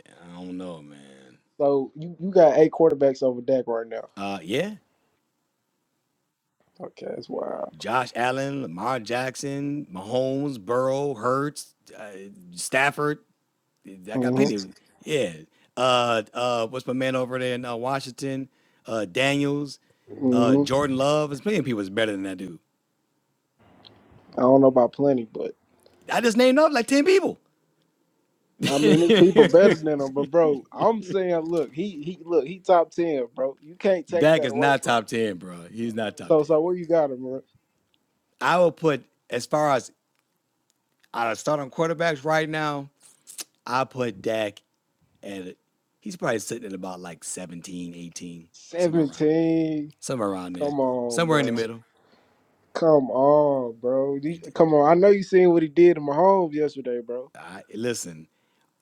I don't know, man. So you, you got eight quarterbacks over Dak right now. Uh, yeah, Okay, that's wild. Josh Allen, Lamar Jackson, Mahomes, Burrow, Hurts, uh, Stafford. I got hmm plenty. Of, yeah. Uh, uh, what's my man over there in uh, Washington? Uh, Daniels, uh, hmm Jordan Love. There's plenty of people that's better than that dude. I don't know about plenty, but I just named up like ten people. I mean it's people better than him. But bro, I'm saying, look, he he look, he top ten, bro. You can't take Dak that is away not from top him. ten, bro. He's not top So ten. so where you got him, bro? I will put as far as out of starting quarterbacks right now. I put Dak at He's probably sitting at about like 17, 18, somewhere around 17. Somewhere around there. Come on, Somewhere in the bro. middle. Come on, bro. You- He did- Come on. I know you seen what he did to Mahomes yesterday, bro. I, listen,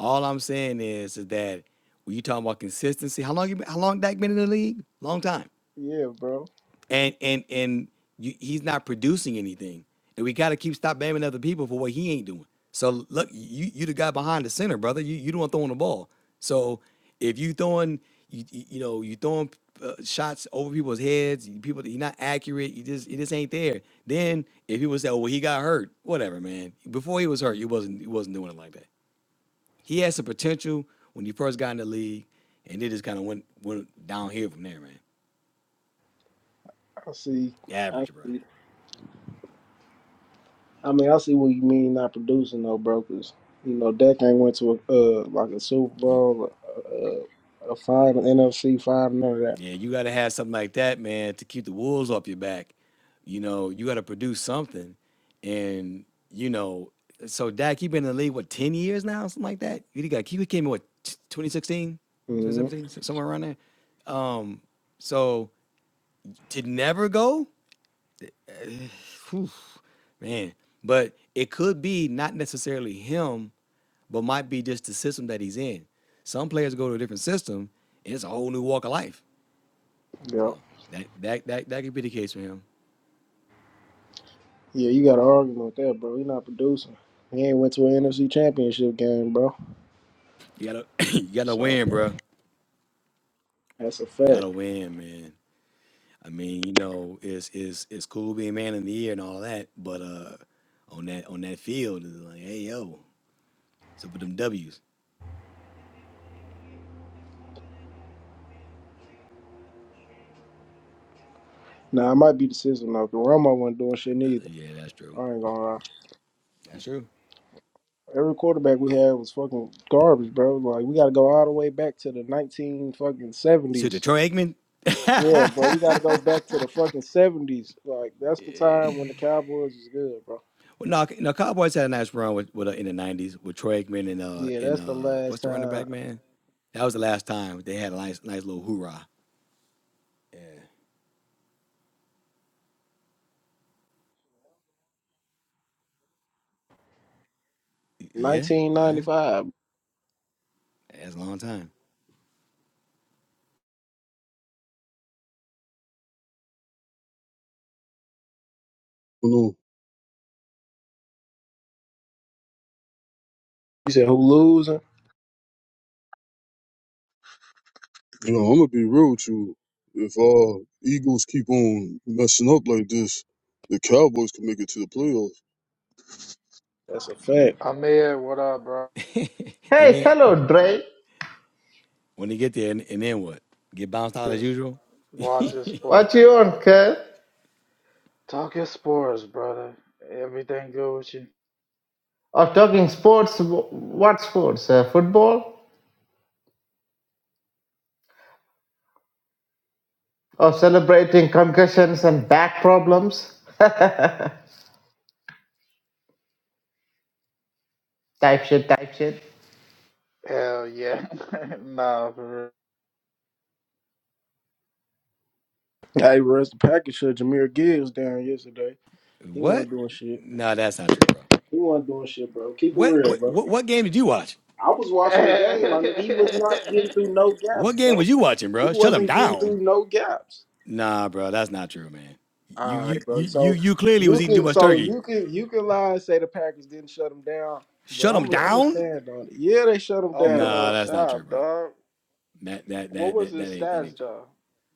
all I'm saying is, is that when you talking about consistency, how long you been, how long Dak been in the league? Long time. Yeah, bro. and and and you, he's not producing anything. And we got to keep stop blaming other people for what he ain't doing. So look, you you the guy behind the center, brother. You you the one throwing the ball. So if you throwing you you you know you throwing uh, shots over people's heads, you- people you're not accurate. You just it just ain't there. Then if people say, oh well, he got hurt, whatever, man. Before he was hurt, he wasn't he wasn't doing it like that. He had some potential when he first got in the league, and it just kind of went went down here from there, man. I see. I Average, bro. see. I mean, I see what you mean not producing, though, bro. Cause you know that thing went to a, uh like a Super You. Bowl, a, a, a final, NFC final, none of that. Yeah, you got to have something like that, man, to keep the wolves off your back. You know, you got to produce something, and you know, so Dak, you've been in the league what ten years now, something like that. You got he came in what 2016, hmm 2017, so- somewhere around there. Um, so to never go, eh, whew, man, but it could be not necessarily him, but might be just the system that he's in. Some players go to a different system, and it's a whole new walk of life. So Yeah. that that that that could be the case for him. Yeah, you got to argue with that, bro. He not producing. He ain't went to an NFC Championship game, bro. You gotta you gotta So win, bro. that's a fact. Gotta win, man. I mean, you know, it's it's it's cool being man in the year and all that, but uh, on that on that field, it's like, hey yo, so with them W's. Nah, it might be the system though, because Romo wasn't doing shit Uh, neither. yeah, that's true. I ain't gonna lie. That's true. Every quarterback we had was fucking garbage, bro. Like we gotta go all the way back to the nineteen fucking So seventies. Detroit Aikman. Yeah, bro, we gotta go back to the fucking seventies. Like that's the Yeah. time when the Cowboys was good, bro. Well, no, no, Cowboys had a nice run with, with uh, in the '90s with Troy Aikman and uh Yeah, and that's the uh last what's the running time. back man? That was the last time they had a nice nice little hoorah. Yeah, yeah. Nineteen yeah. ninety five. That's a long time. You know, You said who losing? you know, I'm gonna be real with you. If uh Eagles keep on messing up like this, the Cowboys can make it to the playoffs. That's a fact. Amir, What up, bro? and Hey, then hello, Dre. when they get there, and, and then what? Get bounced out as Just usual? watch your What sports. you on, Kel? Talk your sports, brother. Everything good with you? Of talking sports, wh- what sports? Uh, football? Of celebrating concussions and back problems? Type shit, type shit. Hell yeah. nah, for Hey, Russ, the package shut Jameer Gibbs down yesterday. He What? wasn't doing shit. No, that's not true, bro. He wasn't doing shit, bro. Keep it What, real, what bro. what what game did you watch? I was real. watching the game, my nigga. He was not getting through no What gaps, bro. game was you watching, He bro? Shut them wasn't getting down. through no gaps. Nah, bro, that's not true, man. You All you right, you bro. you So you clearly was you eating too can, much so turkey. you can, you can lie and say the Packers didn't shut him down, but Shut them I'm, I'm gonna down? stand on it. Yeah, they shut him Open down, Nah, up bro. that's not true, shop, bro. dog. That that What that was that his that ain't that ain't stats, true. though?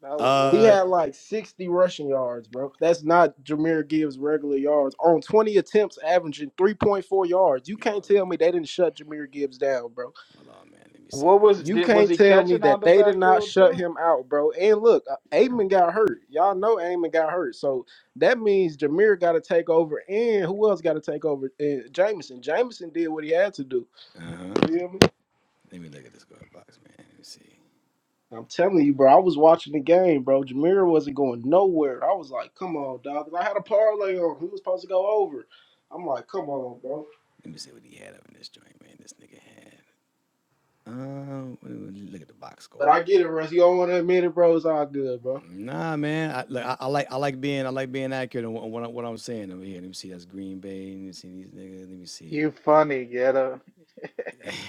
That will He tell Uh, had us. like 60 rushing yards, bro. That's not Jameer Gibbs' regular yards on 20 attempts, averaging 3.4 yards. You hold can't on, tell me they didn't shut Jameer Gibbs down, bro. hold on, man. Let me see, What man. was This You did nigga was can't he talking. tell me catching out that the they did not backfield shut too? him out, bro. And look, uh, Amen got hurt. Y'all know Amen got hurt. So that means Jameer got to take over. And who else got to take over? Uh, Jameson. Jameson did what he had to do. Uh huh. You feel me? Let me look at this glove box, man. Let me see. I'm telling you, bro. I was watching the game, bro. Jameer wasn't going nowhere. I was like, come on, dog. I had a parlay on. He was supposed to go over. I'm like, come on, bro. Let me see what he had up in this joint, man. This nigga had. Um, look at the box But score. I get it, Russ. You don't want to admit it, bro. It's all good, bro. Nah, man. I, look, I, I like I like being I like being accurate on what, what, I, what I'm saying over here. Let me see. That's Green Bay. Let me see these niggas. Let me see. You funny, getter.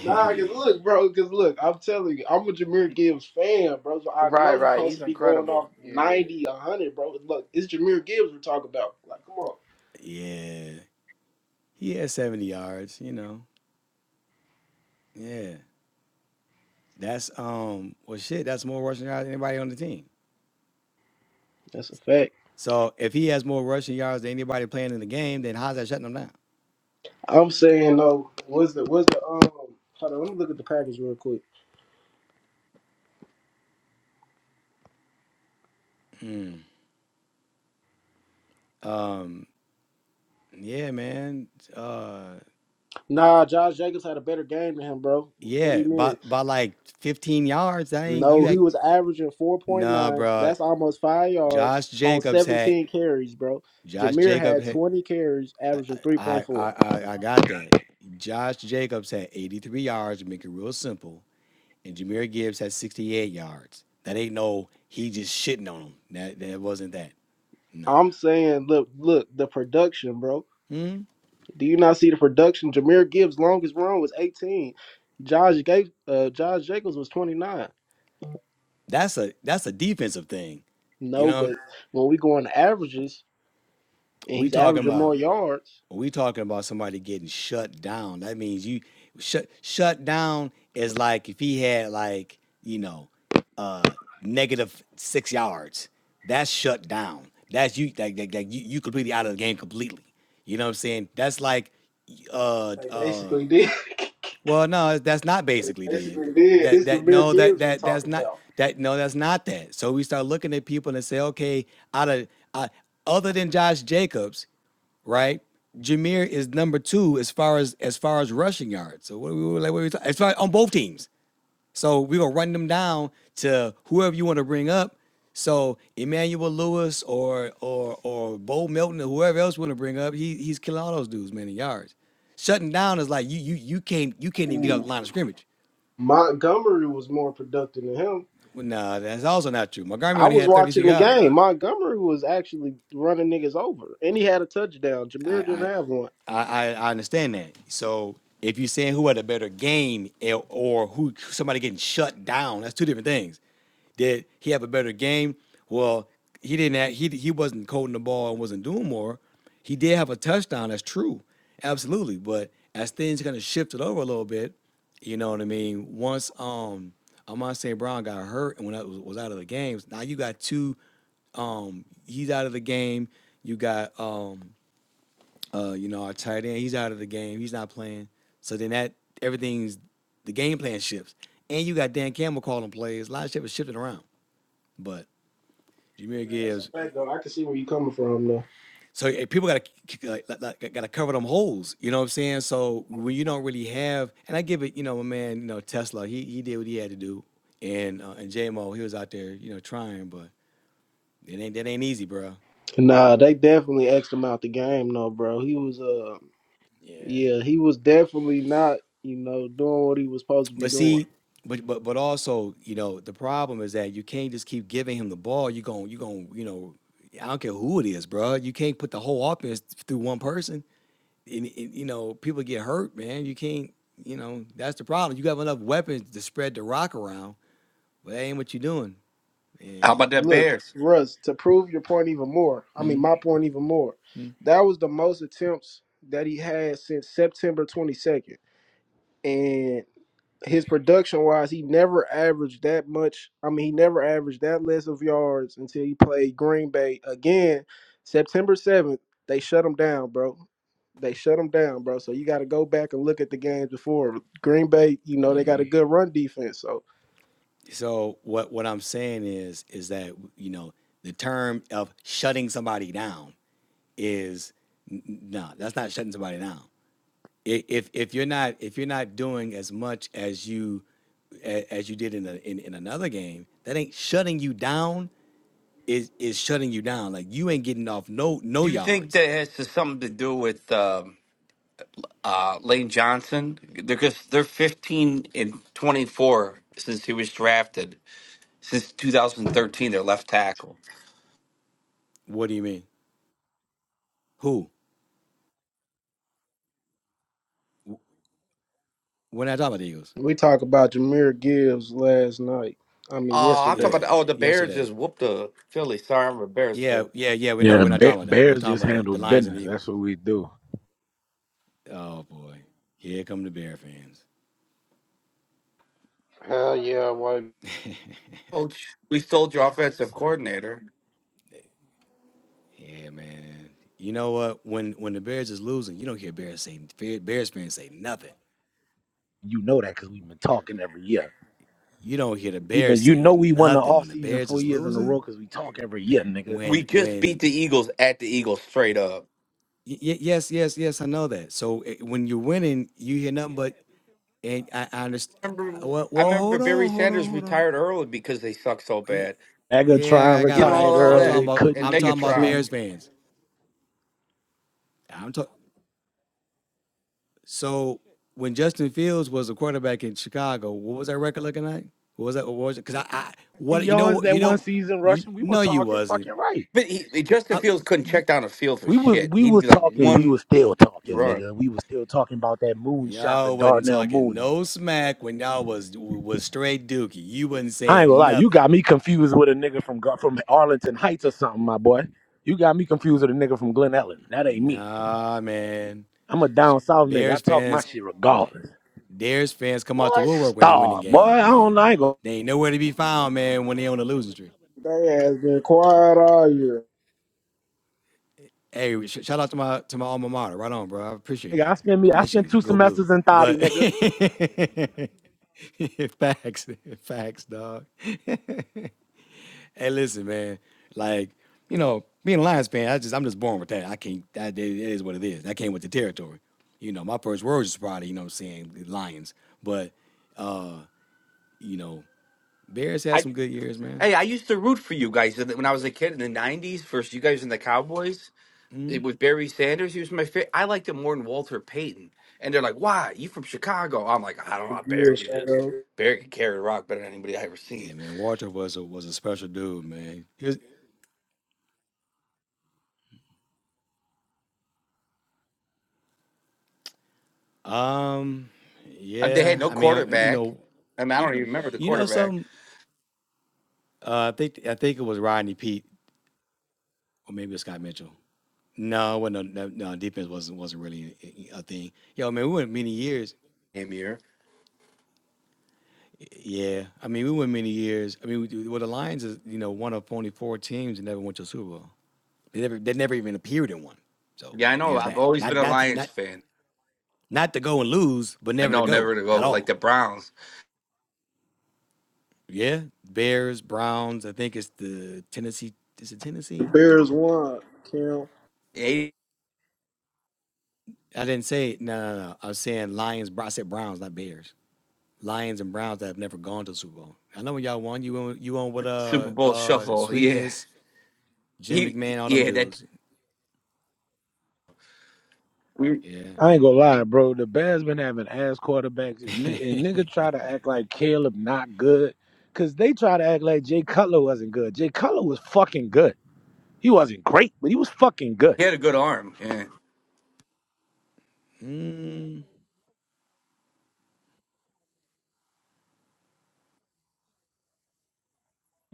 Nah, cause look, bro, cause look, I'm telling you, I'm a Jameer Gibbs fan, bro. So I Right, know he's right. supposed to He's be going incredible. off Yeah. 90, 100, bro. Look, it's Jameer Gibbs we're talking about. Like, come on, yeah, he had 70 yards. You know. Yeah, that's um. Well, shit, that's more rushing yards than anybody on the team. that's a fact. So if he has more rushing yards than anybody playing in the game, then how's that shutting them down? I'm saying though, what's the what's the um? Hold on, let me look at the package real quick. Hmm. Um. Yeah, man. Uh. Nah, Josh Jacobs had a better game than him, bro. What do Yeah, you by mean? by like 15 yards, that ain't No, you he act was averaging nah, 4.9. bro. That's almost five yards Josh on Jacobs had 17 carries, bro. Josh Jameer Jacobs had had 20 carries, I averaging I 3.4. I I I got that. Josh Jacobs had 83 yards, to make it real simple, and Jameer Gibbs had 68 yards. That ain't no he just shitting on him. That that wasn't that. Nah. I'm saying, look, look, the production, bro. Hmm? Do you not see the production? Jameer Gibbs' longest run was 18. Josh Ga- uh, Josh Jacobs was 29. That's a that's a defensive thing. You No, know, but when we go on the averages and we he's talking averaging about more yards, When we talking about somebody getting shut down, that means you shut shut down is like if he had like, you know, uh negative six yards. That's shut down. That's you like, like, like you, you completely out of the game completely. You know what I'm saying? That's like uh they uh basically did. well, no, that's not They basically did. basically did. That This that Jameer no, that Gibbs we're that that's talking not about. that no, that's not that. So we start looking at people and say, okay, out of uh, other than Josh Jacobs, right? Jameer is number two as far as as far as rushing yards. So what are we like? What are we talking? As far on both teams, so we're gonna run them down to whoever you want to bring up. So Emmanuel Lewis or or or Bo Melton or whoever else you want to bring up, he he's killing all those dudes, man, in yards. Shutting down is like you you you can't you can't even get up Ooh. the line of scrimmage. Montgomery was more productive than him. Well, nah, that's also not true. Montgomery I only was had 32 watching the yards. game. Montgomery was actually running niggas over, and he had a touchdown. I Jameer didn't I have one. I, I understand that. So if you're saying who had a better game eh, or who somebody getting shut down, that's two different things. Did he have a better game? Well, he didn't. Have, he he wasn't coating the ball and wasn't doing more. He did have a touchdown. That's true, absolutely. But as things kind of shifted over a little bit, you know what I mean. Once um Amon St. Brown got hurt and when I was, was out of the games, now you got two um, he's out of the game. You got um, uh, you know, our tight end, he's out of the game. He's not playing. So then that everything's the game plan shifts. And you got Dan Campbell calling plays. A lot of shit was shifting around. But Jameer Yeah, that's a Gibbs, fact, though. I can see where you're coming from, though. so eh, people got to like, got to cover them holes. You know what I'm saying? So when you don't really have, and I give it, you know, my man, you know, Tesla, he he did what he had to do, and uh, and J Mo, he was out there, you know, trying, but it ain't that ain't easy, bro. Nah, they definitely asked him out the game, though, bro. He was, uh, Yeah. yeah, he was definitely not, you know, doing what he was supposed to be But doing. see, but but but also, you know, the problem is that you can't just keep giving him the ball. You going you going you know, I don't care who it is, bro. You can't put the whole offense through one person. And, and, you know, people get hurt, man. You can't. You know, that's the problem. You have enough weapons to spread the rock around, but that ain't what you're doing. How And about that Look, Bears? Russ, to prove your point even more, I mean, mm, my point even more, mm, that was the most attempts that he had since September 22nd. and. his production wise, he never averaged that much. I mean, he never averaged that less of yards until he played Green Bay again. September 7th, they shut him down, bro. They shut him down, bro. So you got to go back and look at the games before. Green Bay, you know, they got a mhm. good run defense. So so what what I'm saying is is that you know the term of shutting somebody down is n- n- no, that's not shutting somebody down. i- if if you're not if you're not doing as much as you a- as you did in a, in, in another game, that ain't shutting you down. Is is shutting you down? Like you ain't getting off no no you think yards. that has to- something to do with um, uh, Lane Johnson? Because they're 15 and 24 since he was drafted. Since 2013, their left tackle. What do you mean? Who? W- We're not talking about the Eagles. we talk about Jameer Gibbs last night. I mean, Oh, I'm yesterday. talking Yeah, about, oh, the Bears yesterday. just whooped the Phillies. Sorry, I'm a Bears Yeah, fan. yeah, yeah. We know Yeah, we're not bear, talking about that. We're bears talking just about the, handle the Lions and the business. That's Eagles. what we do. Oh boy, here come the Bear fans. Hell yeah, I Coach, we sold your offensive coordinator. Yeah, man. You know what? When when the Bears is losing, you don't hear Bears say Bears fans say nothing. You know that because we've been talking every year. you don't hear the We've been, Bears you know, we saying won the nothing off when the season Bears four is years in a losing. row because we talk every year, nigga. We When just beat when the Eagles at the Eagles straight up. y- y- yes yes yes I know that. So eh, when you're winning, you hear nothing but and I, I understand. Remember, Well, I well remember hold on Barry hold on Sanders hold on. retired early because they suck so Ye- bad. Nigga Yeah, trying I I got You all know, that. all retired all I'm that. talking early, about couldn't And I'm talking keep about Megatron. Bears Sue. fans. I'm talking. So when Justin Fields was a quarterback in Chicago, what was that record looking like? What was that? What was it? Because I, I The what you know yards what that you one know season you rushing, we no was you talking wasn't. fucking right. But he, he- Justin I, Fields couldn't check down a field for We was shit. we He'd was be like talking, we one was still talking, run. nigga. We was still talking about that moon shot, the Y'all wasn't Darnell talking Mooney. no smack when y'all was was straight dookie. You wasn't I ain't gonna saying lie, you nothing. got me confused with a nigga from Gar- from Arlington Heights or something, my boy. You got me confused with a nigga from Glen Ellen. That ain't me. Nah, man. I'm a down south nigga. I Bears talk my fans, shit regardless. Bears fans come out Boy, the woodwork when they winning star. Boy, games, I don't know. man. I ain't gonna. They ain't nowhere to be found, man, when they on the losing streak. They has been quiet all year. Hey, sh- shout out to my to my alma mater. Right on, bro. I appreciate Nigga, that. I spent me. I spent Michigan, two go blue. semesters in Thotty, But nigga. facts, facts, dog. Hey, listen, man. Like, you know, being a Lions fan, I just I'm just born with that. I can't. That it is what it is. That came with the territory. You know, my first words is probably you know saying the Lions, but uh, you know, Bears had I some good years, man. hey, I used to root for you guys when I was a kid in the '90s. versus you guys and the Cowboys. Hmm. It was Barry Sanders. He was my favorite. I liked him more than Walter Payton. And they're like, "Why? You from Chicago?" I'm like, "I don't know. Barry Good could just shadow. Barry could carry the rock better than anybody I ever seen." Yeah, man. Walter was a was a special dude, man. He was, um, And they yeah. had no I mean, uh, you quarterback. know, I mean, I don't even remember the you know quarterback. something. Uh, I think I think it was Rodney Pete, or maybe it was Scott Mitchell. No, it wasn't. No, no, no, defense wasn't wasn't really a a thing. Yo, man, we went many years. Damn year. Yeah, I mean, we went many years. I mean, we, well, the Lions is you know one of only four teams that never went to a Super Bowl. They never, they never even appeared in one. So Yeah, I know. there's I've that. always been Not, a not, to, Lions not, fan. not to go and lose, but I never to know go never to go at like all. the Browns. Yeah, Bears, Browns. I think it's the Tennessee. Is it The Tennessee? Bears won, Kim. Eight I didn't say it. no, no, no. I was saying Lions. Bro- I said Browns, not Bears. Lions and Browns that have never gone to the Super Bowl. I know when y'all won, you won, you won with Super uh, Bowl uh, shuffle. Yeah. sweetness, Jim He McMahon, all them yeah, that dudes. he Yeah. I ain't gonna lie, bro. The Bears been having ass quarterbacks. If nigga, and nigga try to act like Caleb not good, cause they try to act like Jay Cutler wasn't good. Jay Cutler was fucking good. He wasn't great, but he was fucking good. had a good arm. Yeah. Mm,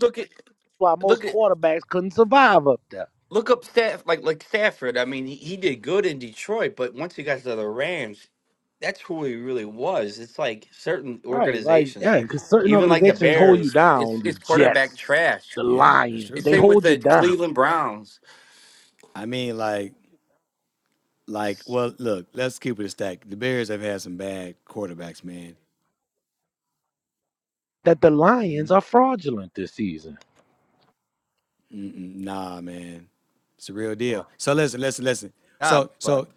Look at Why look most at quarterbacks couldn't survive up there. look up staff like like Stafford. I mean, he, he did good in Detroit, but once he got to the Rams, that's who he really was. It's like certain Right, like organizations, yeah, because certain even like the organizations hold you Bears, down. it's The it's quarterback Jets, trash. the yeah, that's Lions, It's they true. same with hold you the down. Cleveland Browns. I mean, like, like, well, look, let's keep it a stack. The Bears have had some bad quarterbacks, man. That the Lions Mhm. are fraudulent this season. Nah, man, it's a real Right. deal. So listen, listen, listen. Yeah, So, but so,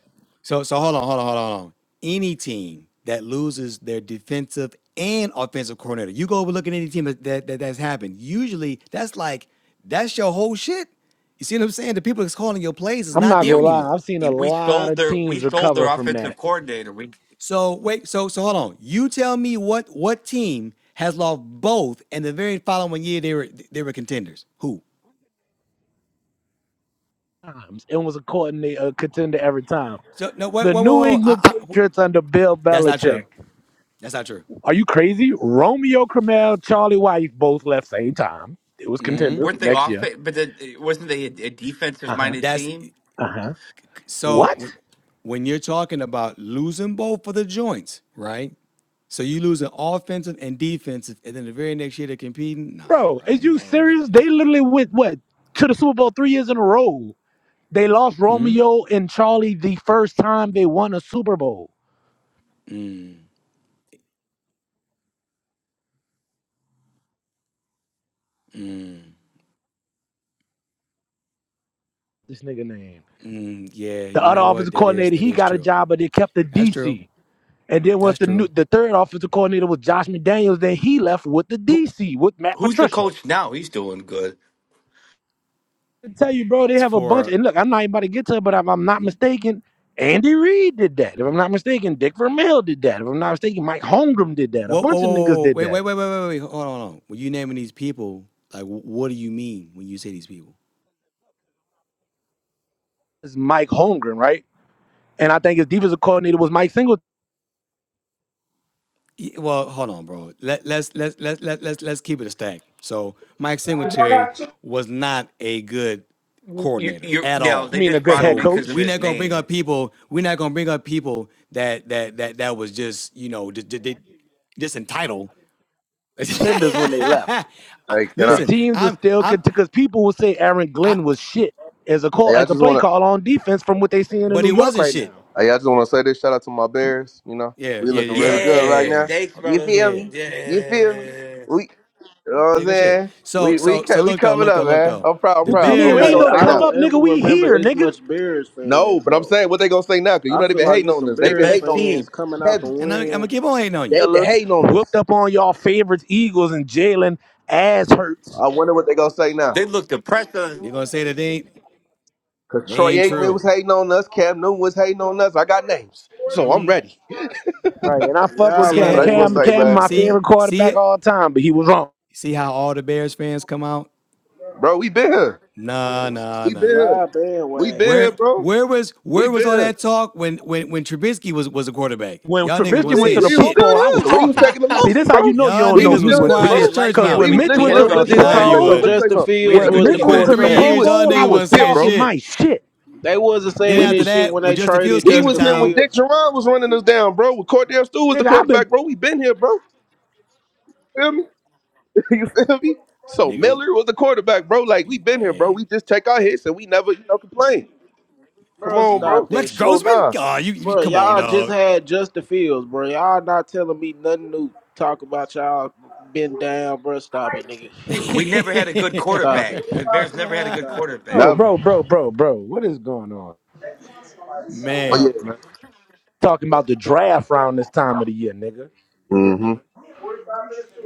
so, so, hold on, hold on, hold on, hold on. Any team that loses their defensive and offensive coordinator, you go overlooking any team that, that that- that's happened. Usually, that's like that's your whole shit. You see what I'm saying? The people that's calling your plays is I'm not not gonna there yeah, lie, anymore. I've seen we, a we lot stole of their we teams stole their recover from offensive that. coordinator. We So wait, so so hold on. You tell me what what team has lost both, and the very following year they were they were contenders. Who? Times it was a coordinator a contender every time. So no, wait, The whoa, whoa, New whoa. I, England I, Patriots under Bill that's not Belichick. true. That's not true. Are you crazy? Romeo Crennel, Charlie White both left same time. It was contenders weren't the they next off year. but the, wasn't they a, a defensive Uh huh. minded That's team? Uh huh. so What, when when you're talking about losing both for the joints, right? So you losing offensive and defensive, and then the very next year they're competing. Nah, bro? bro, I Is ain't, you I ain't giving serious? you They literally went what to the Super Bowl three years in a row. They lost that, man. Romeo and Charlie the first time they won a Super Bowl. This nigga name. Mm, yeah, The you other know what? offensive That is coordinator, that he is got a true. job, but they kept the That's true. DC. And then once That's the new, true. the third offensive coordinator was Josh McDaniels, then he left with the Who DC with Matt Who's the Patricia. coach now? He's doing good. to tell you, bro, they It's have a bunch. for And look, I'm not even about to get to it, but if I'm not mistaken, Andy Reid did that. If I'm not mistaken, Dick Vermeil did that. If I'm not mistaken, Mike Holmgren did that. A Whoa, whoa, bunch of whoa, niggas whoa, did wait, that. wait, wait, wait, wait, wait, hold on, hold on. When you naming these people, like, wh- what do you mean when you say these people? It's Mike Holmgren, right? And I think his defensive coordinator was Mike Singletary. Y- Well, hold on, bro. Let let's let's let's let let's let's keep it a stack. So Mike Singletary was not a good You, coordinator you, at no, I all. they mean, a just good brought head him So in because of coach. we're his not gonna bring name. up people. We're not gonna bring up people that that that that was just you know just just, just entitled. Tenders when they left. I- Hey, can The I? Listen, teams were I'm still I'm because people would say Aaron I. Glenn was shit as a Hey, call I as a just play wanna. call on defense from what they seeing in But New he York wasn't right now. shit. Hey, I just wanna say this. Shout out to my Bears. You know, Yeah, we yeah, looking yeah. really Shout out. good Yeah, right yeah, Yeah, yeah. now. thanks, Oh, You brother. yeah, feel yeah. me? You feel me? Yeah, We, you know what Yeah, I'm good shit. saying? So, We we so, so ca- we look though, coming look up, though, look man. though. I'm proud. I'm The What you proud. But mean? what We they Bears, ain't Hey, gonna no say I come now? don't up, ever nigga. We remember here, What? this nigga. much Bears No, fans but I'm though. saying what they gonna say now? Cause you I not feel even like hating it's on some us. the They been Bears hating best on us. fans team. coming out to Heavy. and I'm, I'm gonna win. keep on hating on you. They been killers, hating on us. whooped up on y'all favorites, Eagles, and Jalen ass hurts. I wonder what they gonna say now. They looked depressed. on- They're gonna say that they ain't, Cause they Troy ain't Aikman true. was hating on us. Cam Newton was hating on us. I got names, so I'm ready. Right, and I fuck You with see Y'all Cam. But ain't I that? just wanna Cam, winning say, Cam, shit, man, You my bro. see, favorite see quarterback it? all time, but he was wrong. You see how all the Bears fans come out? bro, we been here. Nah, Fans. nah, We been nah. here. Y'all We bandwagon. been here, Where, bro. where was, We where been was all here. that talk when, when, when Trubisky was was a quarterback? When Y'all What niggas you Trubisky was not went mean? to saying the We was Pro shit. Bowl, I still was here. We was talking. taking the us. See, losses, this how bro. you know you Y'all don't We know was niggas me. was still When here, we quiet as bro. didn't like church because him. We when We was mouses. did, Mitch we listen, went had a to Where listen, good was the listen, this listen. Nah, Pro Let me say you talk defense. something. when Let Bowl, me wasn't. say Justin something. We had Fields a Let when me good was say the Mitch something. went Them to the defense. three quarterback? We Pro years, was y'all Bowl, we I niggas was was wasn't here, saying talking bro. my shit. shit. They wasn't Then saying We after this was shit when that, when they Justin Fields traded we came to was Justin here when town, Dick Fields. Geron was running us down, bro. With Cordell Stewart was the Nigga, I've been quarterback, bro. We been here, bro. feel me? you feel me? So nigga, Miller was the quarterback, bro. Like we been here, bro. hey, We just take our hits and we never, you know, complain. Come Bro, on, you, bro. stop that Rex So shit. Grossman? nah, Oh, you, you Bro, come on, y'all just dog. had Justin Fields, bro. Y'all not telling me nothing new. Talk about y'all been down, bro. Stop it, nigga. We never had a good Stop quarterback. it. The Bears never had a good Stop it. quarterback. Bro, never. bro, bro, bro, bro. What is going on? But yeah, man, Stop it. man. talking about the draft round this time of the year, nigga. Mm-hmm.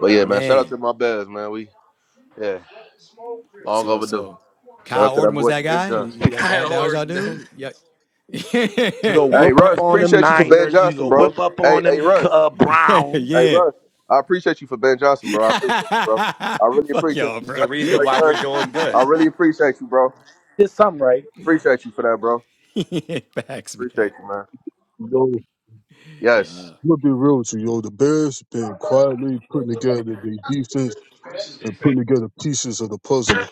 But yeah, man, shout out man. to my Bears, man. We yeah, long So overdue. so Shout out Kyle to that Orton was boy that Ben guy? Johnson. That, that, Kyle that was y'all Orton dude? Yeah. You go Hey whip up Russ, on them appreciate you for Ben Niners. You Johnson, go bro. whip up Hey, on hey them Russ. uh, yeah, Browns. Hey yeah. Russ. I appreciate you for Ben Johnson, bro. I appreciate you, bro. I really Fuck appreciate y'all, you. is bro. my the reason Detroit why we're cousin. doing I good. really appreciate you, bro. Did something right. Appreciate you for that, bro. Facts, man. Appreciate you, man. Yo, I'm Yes. Nah. gonna be real with you, yo. The Bears been quietly putting together the defense and putting together pieces of the puzzle.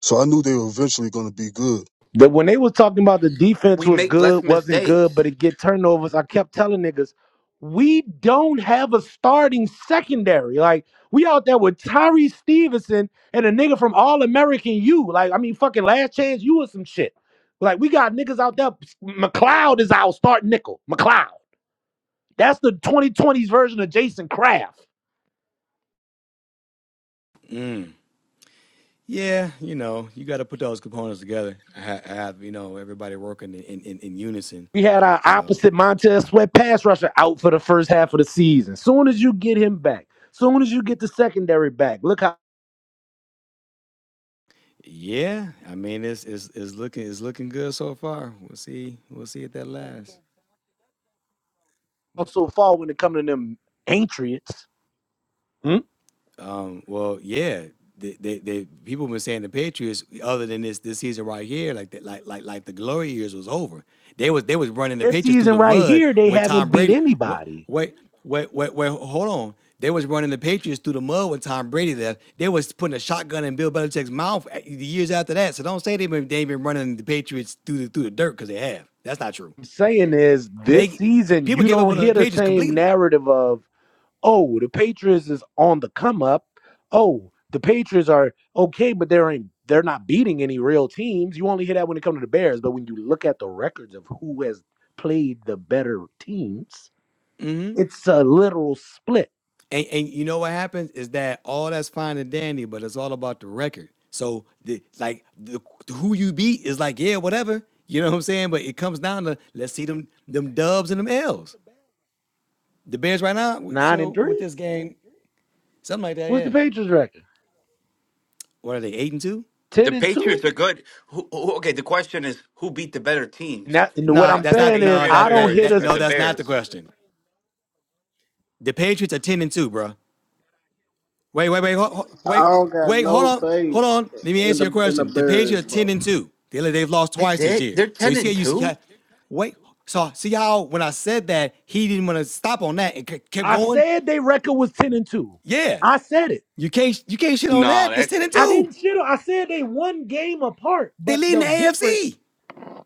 So I knew they were eventually gonna be good. That when they was talking about the defense We was make less good, wasn't good, mistakes. but it get turnovers. I kept telling niggas, we don't have a starting secondary. Like we out there with Tyree Stevenson and a nigga from All American U. Like I mean, fucking last chance you or some shit. Like we got niggas out there. McLeod is our start nickel. McLeod. That's the 2020s version of Jason Kraft. Mm. Yeah, you know, you got to put those components together. I have, you know, everybody working in, in, in unison. We had our So opposite Montez Sweat pass rusher out for the first half of the season. Soon as you get him back, soon as you get the secondary back, look how Yeah, I mean it's it's it's looking it's looking good so far. We'll see we'll see if that lasts. so far when it comes to them Patriots. Hmm? Um, well, yeah, the they the people been saying the Patriots, other than this this season right here, like that like like like the glory years was over. They was they was running the This Patriots through season the right mud here, they when Tom haven't beat Brady. What anybody. wait wait wait wait hold on. They was running the Patriots through the mud when Tom Brady left. They was putting a shotgun in Bill Belichick's mouth a- the years after that. So don't say they been they been running the Patriots through the through the dirt because they have. That's not true. What I'm saying is this They season people you give up don't on hear the the pages same completely. narrative of oh, the Patriots is on the come up. Oh, the Patriots are okay, but they're in, they're not beating any real teams. You only hear that when it comes to the Bears, but when you look at the records of who has played the better teams, it's a literal split. And and you know what happens is that all that's fine and dandy, but it's all about the record. So the like the who you beat is like, yeah, whatever. You know what I'm saying? But it comes down to let's see them them dubs and them L's. The Bears right now, Nine so and with three. this game, something like that, What's yeah. the Patriots record? What are they, eight and two? Ten The and two. Patriots are good. Who, who, okay, the question is who beat the better And teams, that and what No, I'm the, that's the not saying is no, Patriots I that don't or, that hear that this. or no, the that's not the Bears? question. The Patriots are ten and two, bro. Wait, wait, wait, ho- ho- I wait, don't got wait. Hold no on, faith hold on. Let me in answer your the in the question. The Patriots are Bears, bro. ten and two. The other they've lost That's twice this it. year. They're So ten you see how and you see? two. How, wait. So see how when I said that he didn't want to stop on that and ke- kept I going. said their record was ten and two. Yeah, I said it. you can't you can't shit on No, that. That's that's ten and I that's two. didn't shit on. I said they one game apart, They but lead in the the difference. AFC.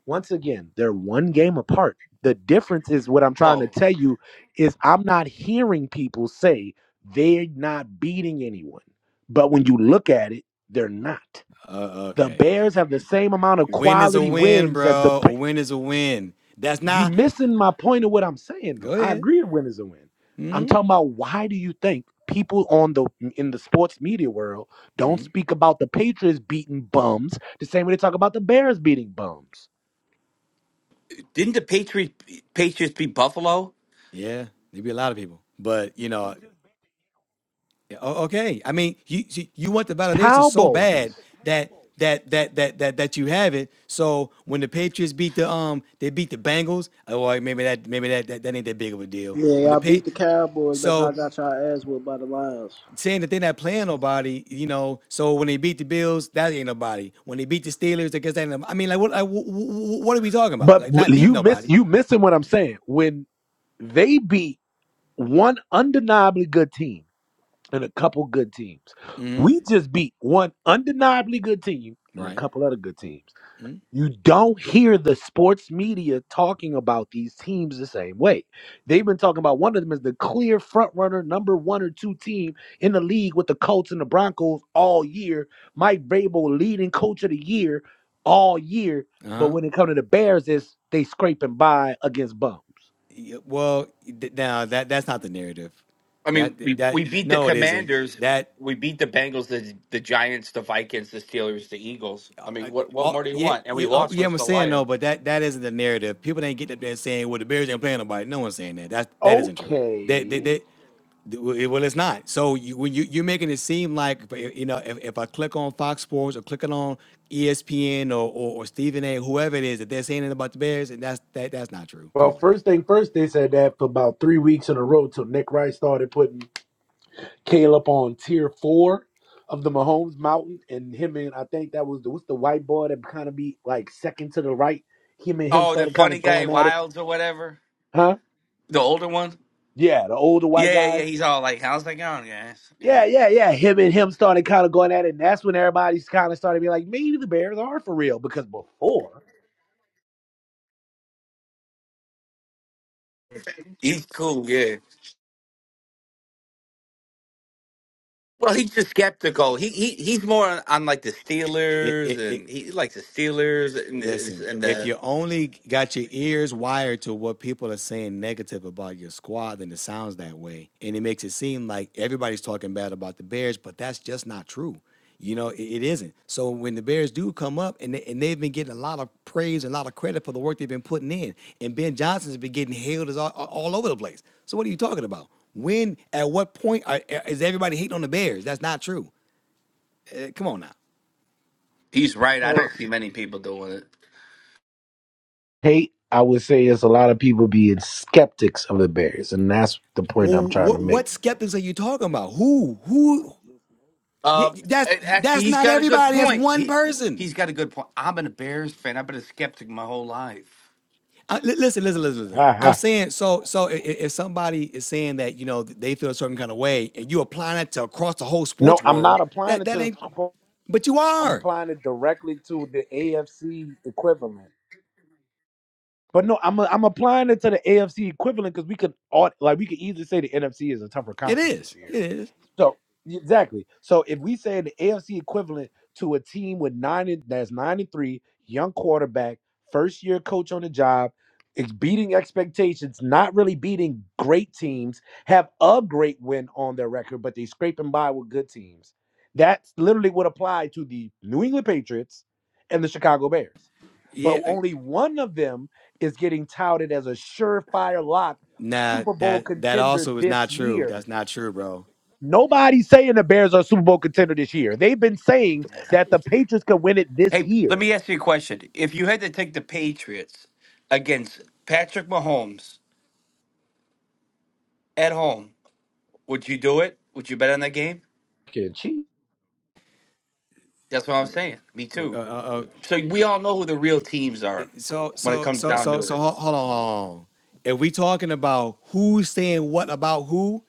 once again, they're one game apart. The difference is what I'm trying to low. tell you is I'm not hearing people say they're not beating anyone. But when you look at it, they're not. Uh, The okay. Bears have the same amount of Win is a quality win, wins as the bro. Pa- A win is a win. That's you not. missing my point of what I'm saying though. Go I ahead. agree a win is a win. I'm talking about why do you think people on the in the sports media world don't speak about the Patriots beating bums the same way they talk about the Bears beating bums? Didn't the Patriots Patriots beat Buffalo? Yeah, there'd be a lot of people, but you know, Yeah, o- okay. I mean, you you you want the validation so Cowboys. bad that that that that that that you have it. So when the Patriots beat the um they beat the Bengals, oh well, maybe that maybe that, that that ain't that big of a deal. Yeah, When y'all the beat pay the Cowboys, but y'all so got y'all ass whipped by the Lions. saying that they're not playing nobody, you know. So when they beat the Bills, that ain't nobody. When they beat the Steelers, I guess that ain't. nobody. I mean, like what like, wh- wh- wh- what are we talking about? But Like not w- beating you miss nobody, you missing what I'm saying. When they beat one undeniably good team and a couple good teams, hmm we just beat one undeniably good team and a right? couple other good teams. Mm-hmm. You don't hear the sports media talking about these teams the same way. They've been talking about one of them is the clear front runner, number one or two team in the league with the Colts and the Broncos all year. Mike Vrabel, leading coach of the year all year. But Uh-huh. when it comes to the Bears, it's they scraping by against bums. Yeah, well, th- now that that's not the narrative. I That mean, we that we beat the no, it isn't. Commanders. That We beat the Bengals, the the Giants, the Vikings, the Steelers, the Eagles. I mean, what what all more do you yeah want? And we yeah, oh, lost yeah versus I'm the saying Lions. no, but that that isn't the narrative. People didn't get up there saying, "Well, the Bears ain't playing nobody." No one's saying that. That that isn't true. That that, Okay. that well, well, it's not. So you, when you you're making it seem like you know, if, if I click on Fox Sports or clicking on ESPN or, or or Stephen A. whoever it is that they're saying it about the Bears, and that's that that's not true. Come Well, on now. first thing first, they said that for about three weeks in a row till Nick Rice started putting Caleb on tier four of the Mahomes Mountain, and him and I think that was the what's the white boy that kind of be like second to the right. Him and him Oh, the started kind funny of guy going at it, Wilds or whatever, huh? the older one. Yeah, the older white Yeah, yeah, guy. yeah. He's all like, "How's that going, guys?" Yeah, Yeah, yeah, yeah. Him and him started kind of going at it, and that's when everybody's kind of started being like, maybe the Bears are for real because before he's cool. Yeah, Well, he's just skeptical. He he he's more on, on like the It Steelers, it it and he likes the Steelers, and the, Listen, and if the you only got your ears wired to what people are saying negative about your squad, then it sounds that way. And it makes it seem like everybody's talking bad about the Bears, but that's just not true. You know, it, it isn't. So when the Bears do come up, and, they, and they've been getting a lot of praise and a lot of credit for the work they've been putting in, and Ben Johnson's been getting hailed as all, all over the place. So what are you talking about? When, at what point are, is everybody hating on the Bears? That's not true. Uh, come on now. he's right. I so, don't see many people doing it. hate, I would say there's a lot of people being skeptics of the Bears, and that's the point I'm Well, trying to what make. what skeptics are you talking about? Who who Yeah, Uh, that's and actually, that's he's not got a good everybody. That's point. one He person. he's got a good point. I'm an Bears fan. I've been a skeptic my whole life. Uh, li- listen, listen, listen, listen. Ha, I'm ha. saying so. So i- if somebody is saying that you know they feel a certain kind of way, and you apply that to across the whole no, sports I'm not world, applying that it that to. ain't. a But you I'm are. applying it directly to the AFC equivalent. But no, I'm i am i am applying it to the AFC equivalent because we could all like we could easily say the NFC is a tougher It conference this is. It year. is. So exactly. So if we say the AFC equivalent to a team with nine and, that's nine and three, young quarterback, first year coach on the job, it's beating expectations, not really beating great teams, have a great win on their record, but they scraping by with good teams. That literally would apply to the New England Patriots and the Chicago Bears. Yeah. But I- only one of them is getting touted as a surefire lock Nah. Super Bowl That that contender also is this not true. year That's not true, bro. Nobody's saying the Bears are a Super Bowl contender this year. They've been saying that the Patriots could win it this Hey, let year. me ask you a question. If you had to take the Patriots against Patrick Mahomes at home, would you do it? Would you bet on that game? Can she, That's what I'm saying. Me Uh, too. uh, uh, So we all know who the real teams are So when it so comes so down so to so it. ho- hold on, hold on. If we talking about who's saying what about who,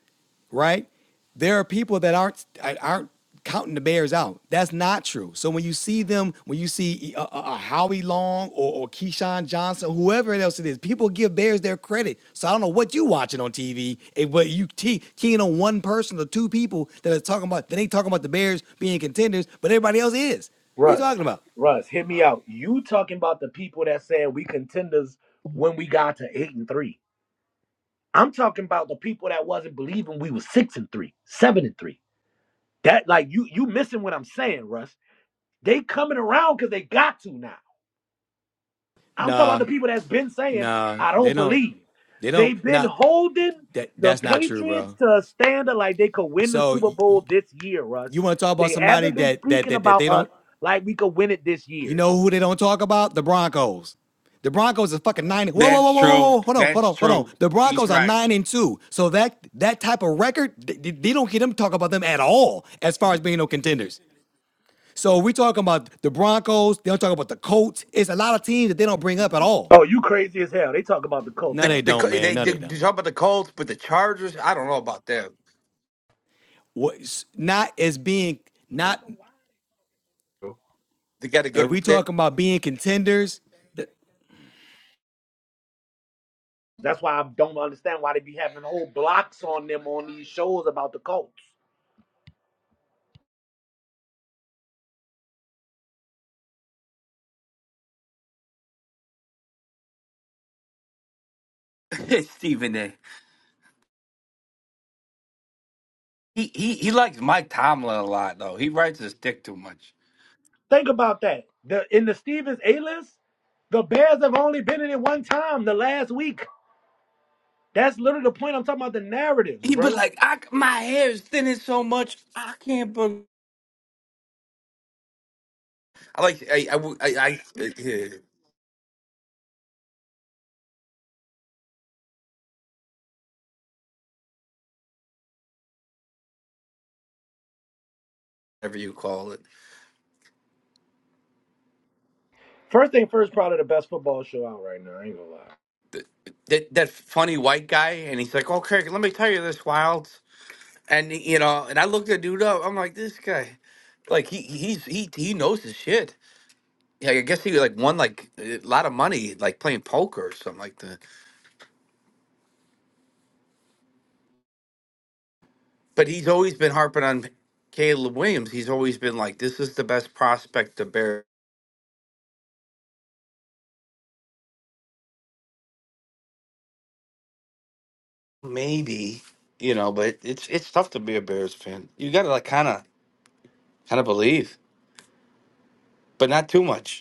right? There are people that aren't uh, aren't counting the Bears out. That's not true. So when you see them, when you see a, uh uh, uh, Howie Long or, or Keyshawn Johnson, whoever else it is, people give Bears their credit. So I don't know what you watching on TV, and what you te- keying on one person or two people that are talking about that ain't talking about the Bears being contenders, but everybody else is. What are you Russ, talking about? Russ, hit me out. You talking about the people that said we contenders when we got to eight and three. I'm talking about the people that wasn't believing we was six and three, seven and three. That like you you missing what I'm saying, Russ. They coming around because they got to now. I'm talking about the Nah, people that's been saying, nah, I they don't don't. believe. They don't. They've been Now holding that the that's not true, Patriots bro. to a standard like they could win the So Super y- Bowl y- this year, you Russ. want to talk about They somebody haven't been that that speaking that that about they us don't? like we could win it this You year. know who they don't talk about? The Broncos. The Broncos are fucking nine. Whoa, whoa, That's whoa, whoa, whoa, true. whoa! Hold on, hold That's on, hold on. true. The He's Broncos are right. nine and two. So that that type of record, th- they don't get them talk about them at all as far as being no contenders. So we talking about the Broncos. They don't talk about the Colts. It's a lot of teams that they don't bring up at all. Oh, you crazy as hell. They talk about the Colts No, The, all they the day. Co- don't, man. they, No, they they you don't. talk about the Colts, but the Chargers, I don't know about them. What? Not as being not They got a If good. we talking about being contenders, That's why I don't understand why they be having whole blocks on them on these shows about the Colts. They, Stephen A. He he he likes Mike Tomlin a lot though. He writes his dick too much. Think about that. The in the Stevens A list, the Bears have only been in it one time the last week. That's literally the point I'm talking about the narratives, He but bro. like I my hair is thinning so much I can't believe. I like I I, I, I eh, whatever you call it. First thing first, probably the best football show out right now. I ain't gonna lie. Th- That that funny white guy, and he's like, "Okay, let me tell you this, Wild. And you know, and I looked the dude up. I'm like, this guy, like he he's he he knows his shit. Yeah, I guess he like won like a lot of money like playing poker or something like that. But he's always been harping on Caleb Williams. He's always been like, this is the best prospect the Bears. Maybe you know, but it's it's tough to be a Bears fan. You got to like kind of kind of believe, but not too much.